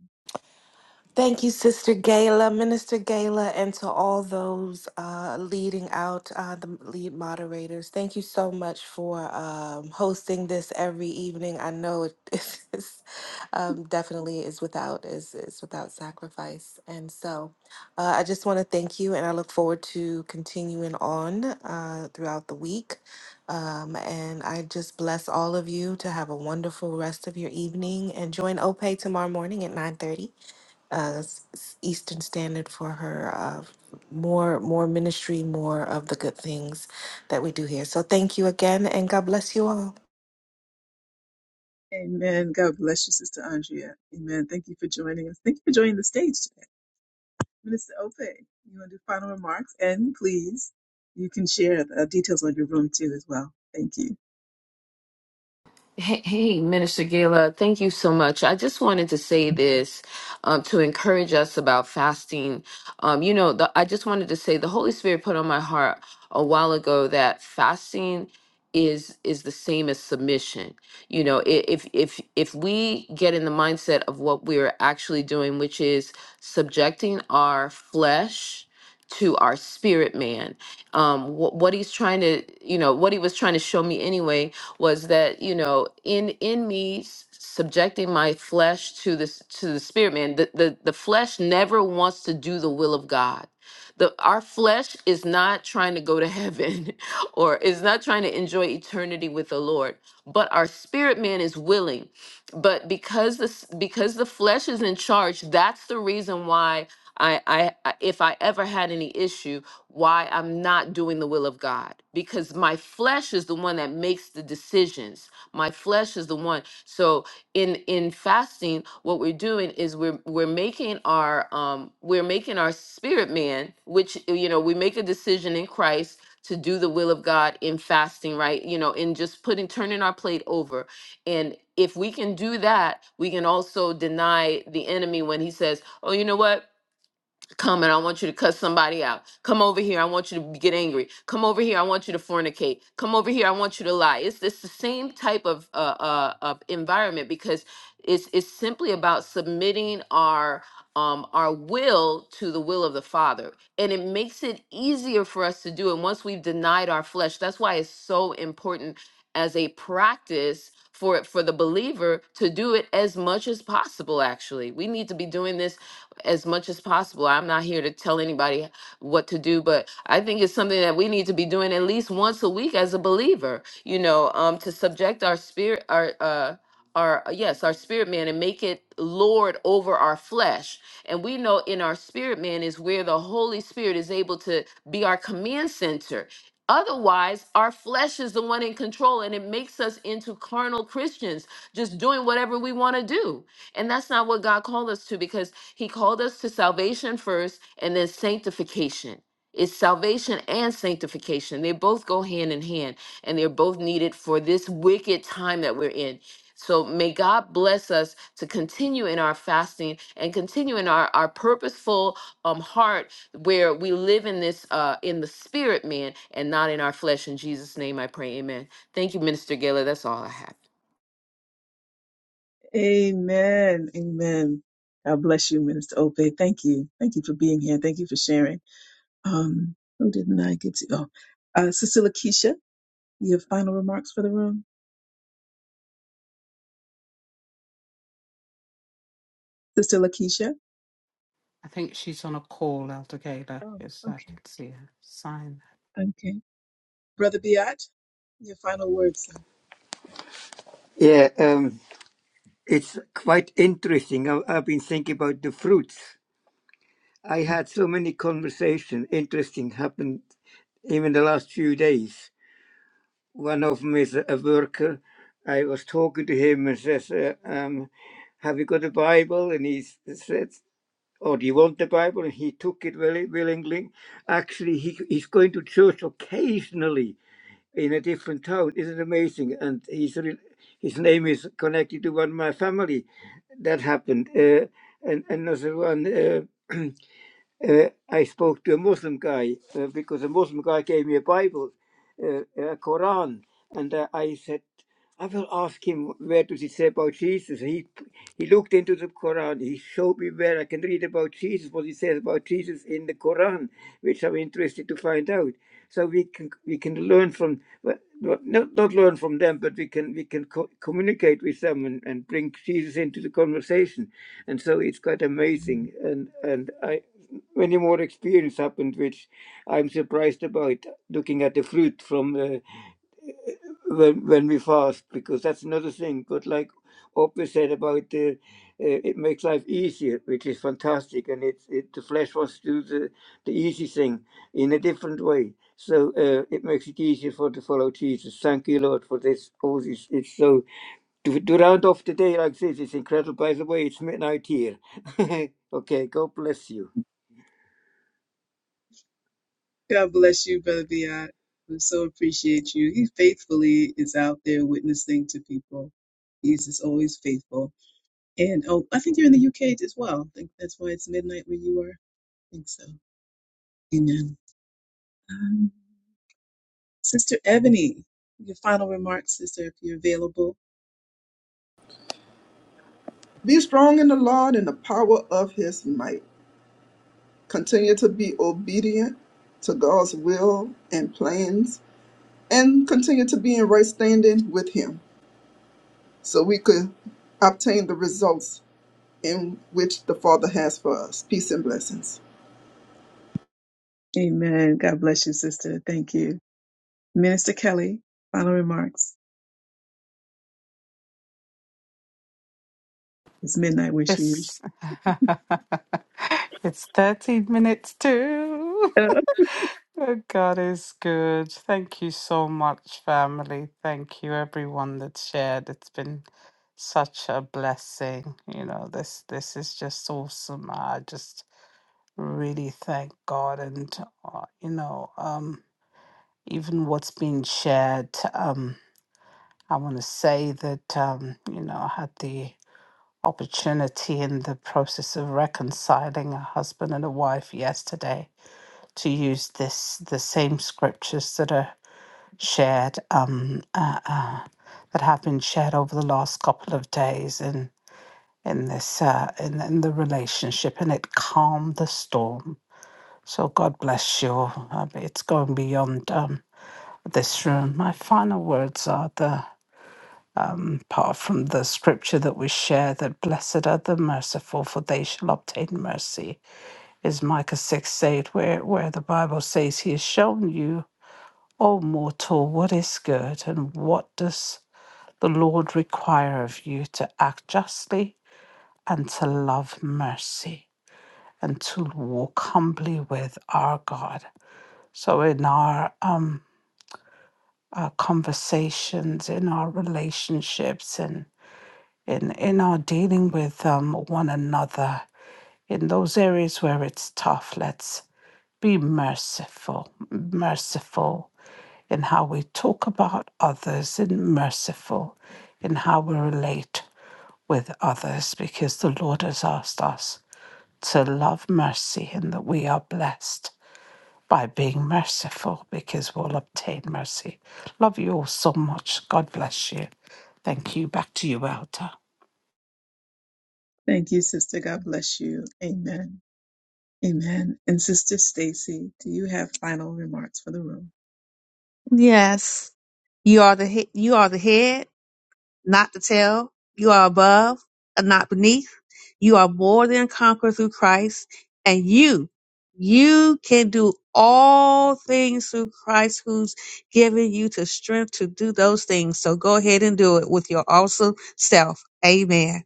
Speaker 9: Thank you, Sister Gayla, Minister Gayla, and to all those uh, leading out, uh, the lead moderators. Thank you so much for um, hosting this every evening. I know it is, um, definitely is without is is without sacrifice, and so uh, I just want to thank you, and I look forward to continuing on uh, throughout the week. Um, and I just bless all of you to have a wonderful rest of your evening, and join OPE tomorrow morning at nine thirty uh, s- s- Eastern Standard for her uh, more more ministry, more of the good things that we do here. So thank you again, and God bless you all.
Speaker 1: Amen. God bless you, Sister Andrea. Amen. Thank you for joining us. Thank you for joining the stage today. Minister Ope, you want to do final remarks? And please, you can share the details on your room too as well. Thank you.
Speaker 8: Hey, hey, Minister Gala, thank you so much. I just wanted to say this um, to encourage us about fasting. Um, you know, the, I just wanted to say the Holy Spirit put on my heart a while ago that fasting is is the same as submission. You know, i- if if if we get in the mindset of what we're actually doing, which is subjecting our flesh to our spirit man um what, what he's trying to you know what he was trying to show me anyway was that you know in in me s- subjecting my flesh to this to the spirit man the, the the flesh never wants to do the will of god the our flesh is not trying to go to heaven or is not trying to enjoy eternity with the lord but our spirit man is willing but because this because the flesh is in charge that's the reason why I, I I- if i ever had any issue why I'm not doing the will of God because my flesh is the one that makes the decisions. My flesh is the one. So in in fasting, what we're doing is we're we're making our um we're making our spirit man, which you know, we make a decision in Christ to do the will of God in fasting, right? You know, in just putting turning our plate over. And if we can do that, we can also deny the enemy when he says, "Oh, you know what? Come and I want you to cuss somebody out. Come over here. I want you to get angry. Come over here. I want you to fornicate. Come over here. I want you to lie. It's it's the same type of uh, uh of environment because it's it's simply about submitting our um our will to the will of the Father, and it makes it easier for us to do. And once we've denied our flesh, that's why it's so important as a practice for for the believer to do it as much as possible. Actually, we need to be doing this as much as possible. I'm not here to tell anybody what to do, but I think it's something that we need to be doing at least once a week as a believer, you know, um, to subject our spirit, our, uh, our, yes, our spirit man and make it Lord over our flesh. And we know in our spirit man is where the Holy Spirit is able to be our command center. Otherwise, our flesh is the one in control and it makes us into carnal Christians, just doing whatever we want to do. And that's not what God called us to because he called us to salvation first and then sanctification. It's salvation and sanctification. They both go hand in hand and they're both needed for this wicked time that we're in. So may God bless us to continue in our fasting and continue in our, our purposeful um heart where we live in this uh in the spirit man and not in our flesh. In Jesus' name I pray, amen. Thank you, Minister Gaylor. That's all I have.
Speaker 1: Amen. Amen. God bless you, Minister Ope. Thank you. Thank you for being here. Thank you for sharing. Um, who didn't I get to? Oh, uh, Sister Lakeisha, you have final remarks for the room? Sister Lakeisha?
Speaker 5: I think she's on a call, Elder Gaylor,
Speaker 1: Oh,
Speaker 5: because I
Speaker 1: okay.
Speaker 5: can see her sign.
Speaker 1: Okay. Brother Biat, your final words, sir.
Speaker 6: Yeah. Um, It's quite interesting. I, I've been thinking about the fruits. I had so many conversations. interesting happened even the last few days. One of them is a a worker. I was talking to him and says, uh, um, "Have you got a Bible?" And he s- said, "Oh, do you want the Bible?" And he took it very willingly. Actually, he he's going to church occasionally in a different town. Isn't it amazing? And his his name is connected to one of my family. That happened. Uh, and another one. Uh, uh, I spoke to a Muslim guy uh, because a Muslim guy gave me a Bible, uh, uh, a Quran, and uh, I said, I will ask him where does it say about Jesus. He he looked into the Quran. He showed me where I can read about Jesus, what it says about Jesus in the Quran, which I'm interested to find out. So we can we can learn from well, not not learn from them, but we can we can co- communicate with them and, and bring Jesus into the conversation and so it's quite amazing and and I, many more experience happened which i'm surprised about looking at the fruit from uh, when, when we fast because that's another thing but like opa said about the uh, it makes life easier which is fantastic and it, it the flesh wants to do the, the easy thing in a different way so uh, it makes it easier for to follow jesus thank you lord for this all this it's so to, to round off the day like this it's incredible by the way it's midnight here okay god bless you
Speaker 1: God bless you, Brother Biat. We so appreciate you. He faithfully is out there witnessing to people. He's just always faithful. And oh, I think you're in the UK as well. I think that's why it's midnight where you are. I think so. Amen. Um, Sister Ebony, your final remarks, sister, if you're available.
Speaker 4: Be strong in the Lord and the power of his might. continue to be obedient to God's will and plans, and continue to be in right standing with Him so we could obtain the results in which the Father has for us. Peace and blessings.
Speaker 1: Amen. God bless you, sister. Thank you. Minister Kelly, final remarks. It's midnight where she is.
Speaker 5: It's, it's 13 minutes to.
Speaker 1: Uh,
Speaker 5: Oh, God is good. Thank you so much, family. Thank you, everyone that shared. It's been such a blessing. You know, this this is just awesome. I just really thank God, and uh, you know, um, even what's been shared. Um, I want to say that, um, you know, I had the opportunity in the process of reconciling a husband and a wife yesterday to use this the same scriptures that are shared um, uh, uh, that have been shared over the last couple of days in in this uh, in, in the relationship, and it calmed the storm. So God bless you. Uh, It's going beyond um, this room. My final words are the um, apart from the scripture that we share, that blessed are the merciful for they shall obtain mercy is micah 6 8 where, where the bible says he has shown you o mortal what is good and what does the lord require of you to act justly and to love mercy and to walk humbly with our god so in our um our conversations in our relationships and in in our dealing with um, one another in those areas where it's tough let's be merciful merciful in how we talk about others and merciful in how we relate with others because the lord has asked us to love mercy and that we are blessed by being merciful because we'll obtain mercy love you all so much god bless you thank you back to you elder
Speaker 1: Thank you, sister. God bless you. Amen. Amen. And Sister Stacy, do you have final remarks for the room?
Speaker 2: Yes, you are the he- you are the head. not to tell. You are above and not beneath. You are more than conqueror through Christ. And you, you can do all things through Christ who's given you the strength to do those things. So go ahead and do it with your awesome self. Amen.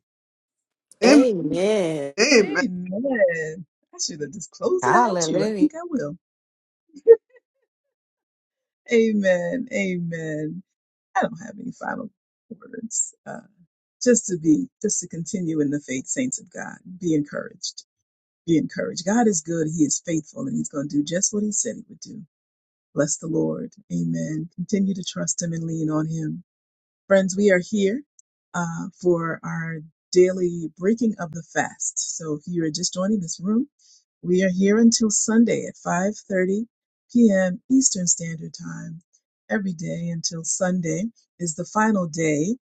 Speaker 4: Amen.
Speaker 9: Amen.
Speaker 4: Amen.
Speaker 1: Amen. I should have just closed it out with you. I
Speaker 9: Hallelujah,
Speaker 1: think I will. Amen. Amen. I don't have any final words. Uh, just to be, just to continue in the faith, saints of God. Be encouraged. Be encouraged. God is good. He is faithful, and He's going to do just what He said He would do. Bless the Lord. Amen. Continue to trust Him and lean on Him. Friends, we are here uh, for our daily breaking of the fast. So if you are just joining this room, we are here until Sunday at 5:30 p.m. Eastern Standard Time every day until Sunday is the final day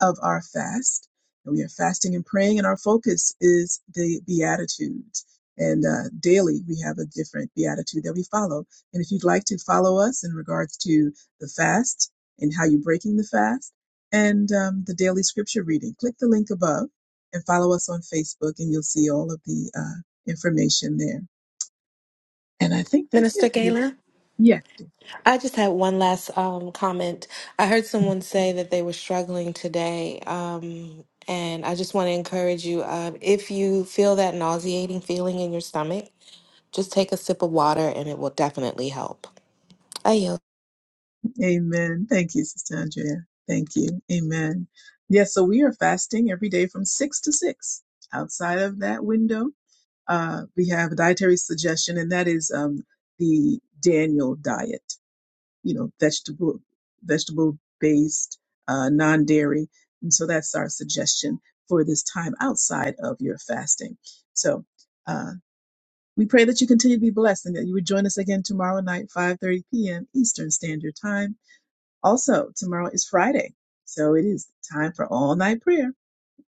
Speaker 1: of our fast. And we are fasting and praying, and our focus is the Beatitudes. And uh, daily, we have a different Beatitude that we follow. And if you'd like to follow us in regards to the fast and how you're breaking the fast and um, the daily scripture reading, click the link above and follow us on Facebook, and you'll see all of the uh, information there. And I think that's
Speaker 9: Minister
Speaker 1: it.
Speaker 9: Gayla.
Speaker 1: Yes.
Speaker 9: I just had one last um, comment. I heard someone say that they were struggling today. Um, and I just want to encourage you uh, if you feel that nauseating feeling in your stomach, just take a sip of water and it will definitely help.
Speaker 1: Amen. Thank you, Sister Andrea. Thank you. Amen. Yes, so we are fasting every day from six to six. Outside of that window, uh, we have a dietary suggestion, and that is um, the Daniel diet. You know, vegetable, vegetable based, uh, non dairy, and so that's our suggestion for this time outside of your fasting. So. Uh, we pray that you continue to be blessed and that you would join us again tomorrow night, 5.30 p.m. Eastern Standard Time also, tomorrow is Friday, so it is time for all night prayer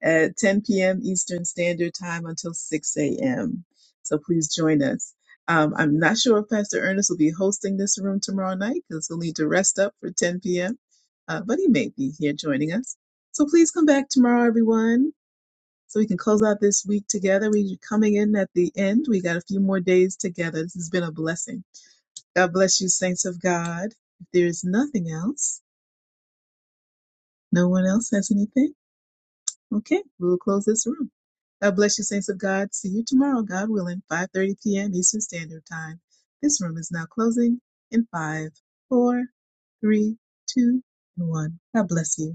Speaker 1: at 10 p.m. Eastern Standard Time until 6 a.m. So please join us. Um, I'm not sure if Pastor Ernest will be hosting this room tomorrow night because he'll need to rest up for 10 p.m., uh, but he may be here joining us. So please come back tomorrow, everyone, so we can close out this week together. We're coming in at the end. We got a few more days together. This has been a blessing. God bless you, saints of God. If there is nothing else, No one else has anything? Okay, we will close this room. God bless you, saints of God. See you tomorrow, God willing, 5.30 p.m. Eastern Standard Time. This room is now closing in five, four, three, two, and 1. God bless you.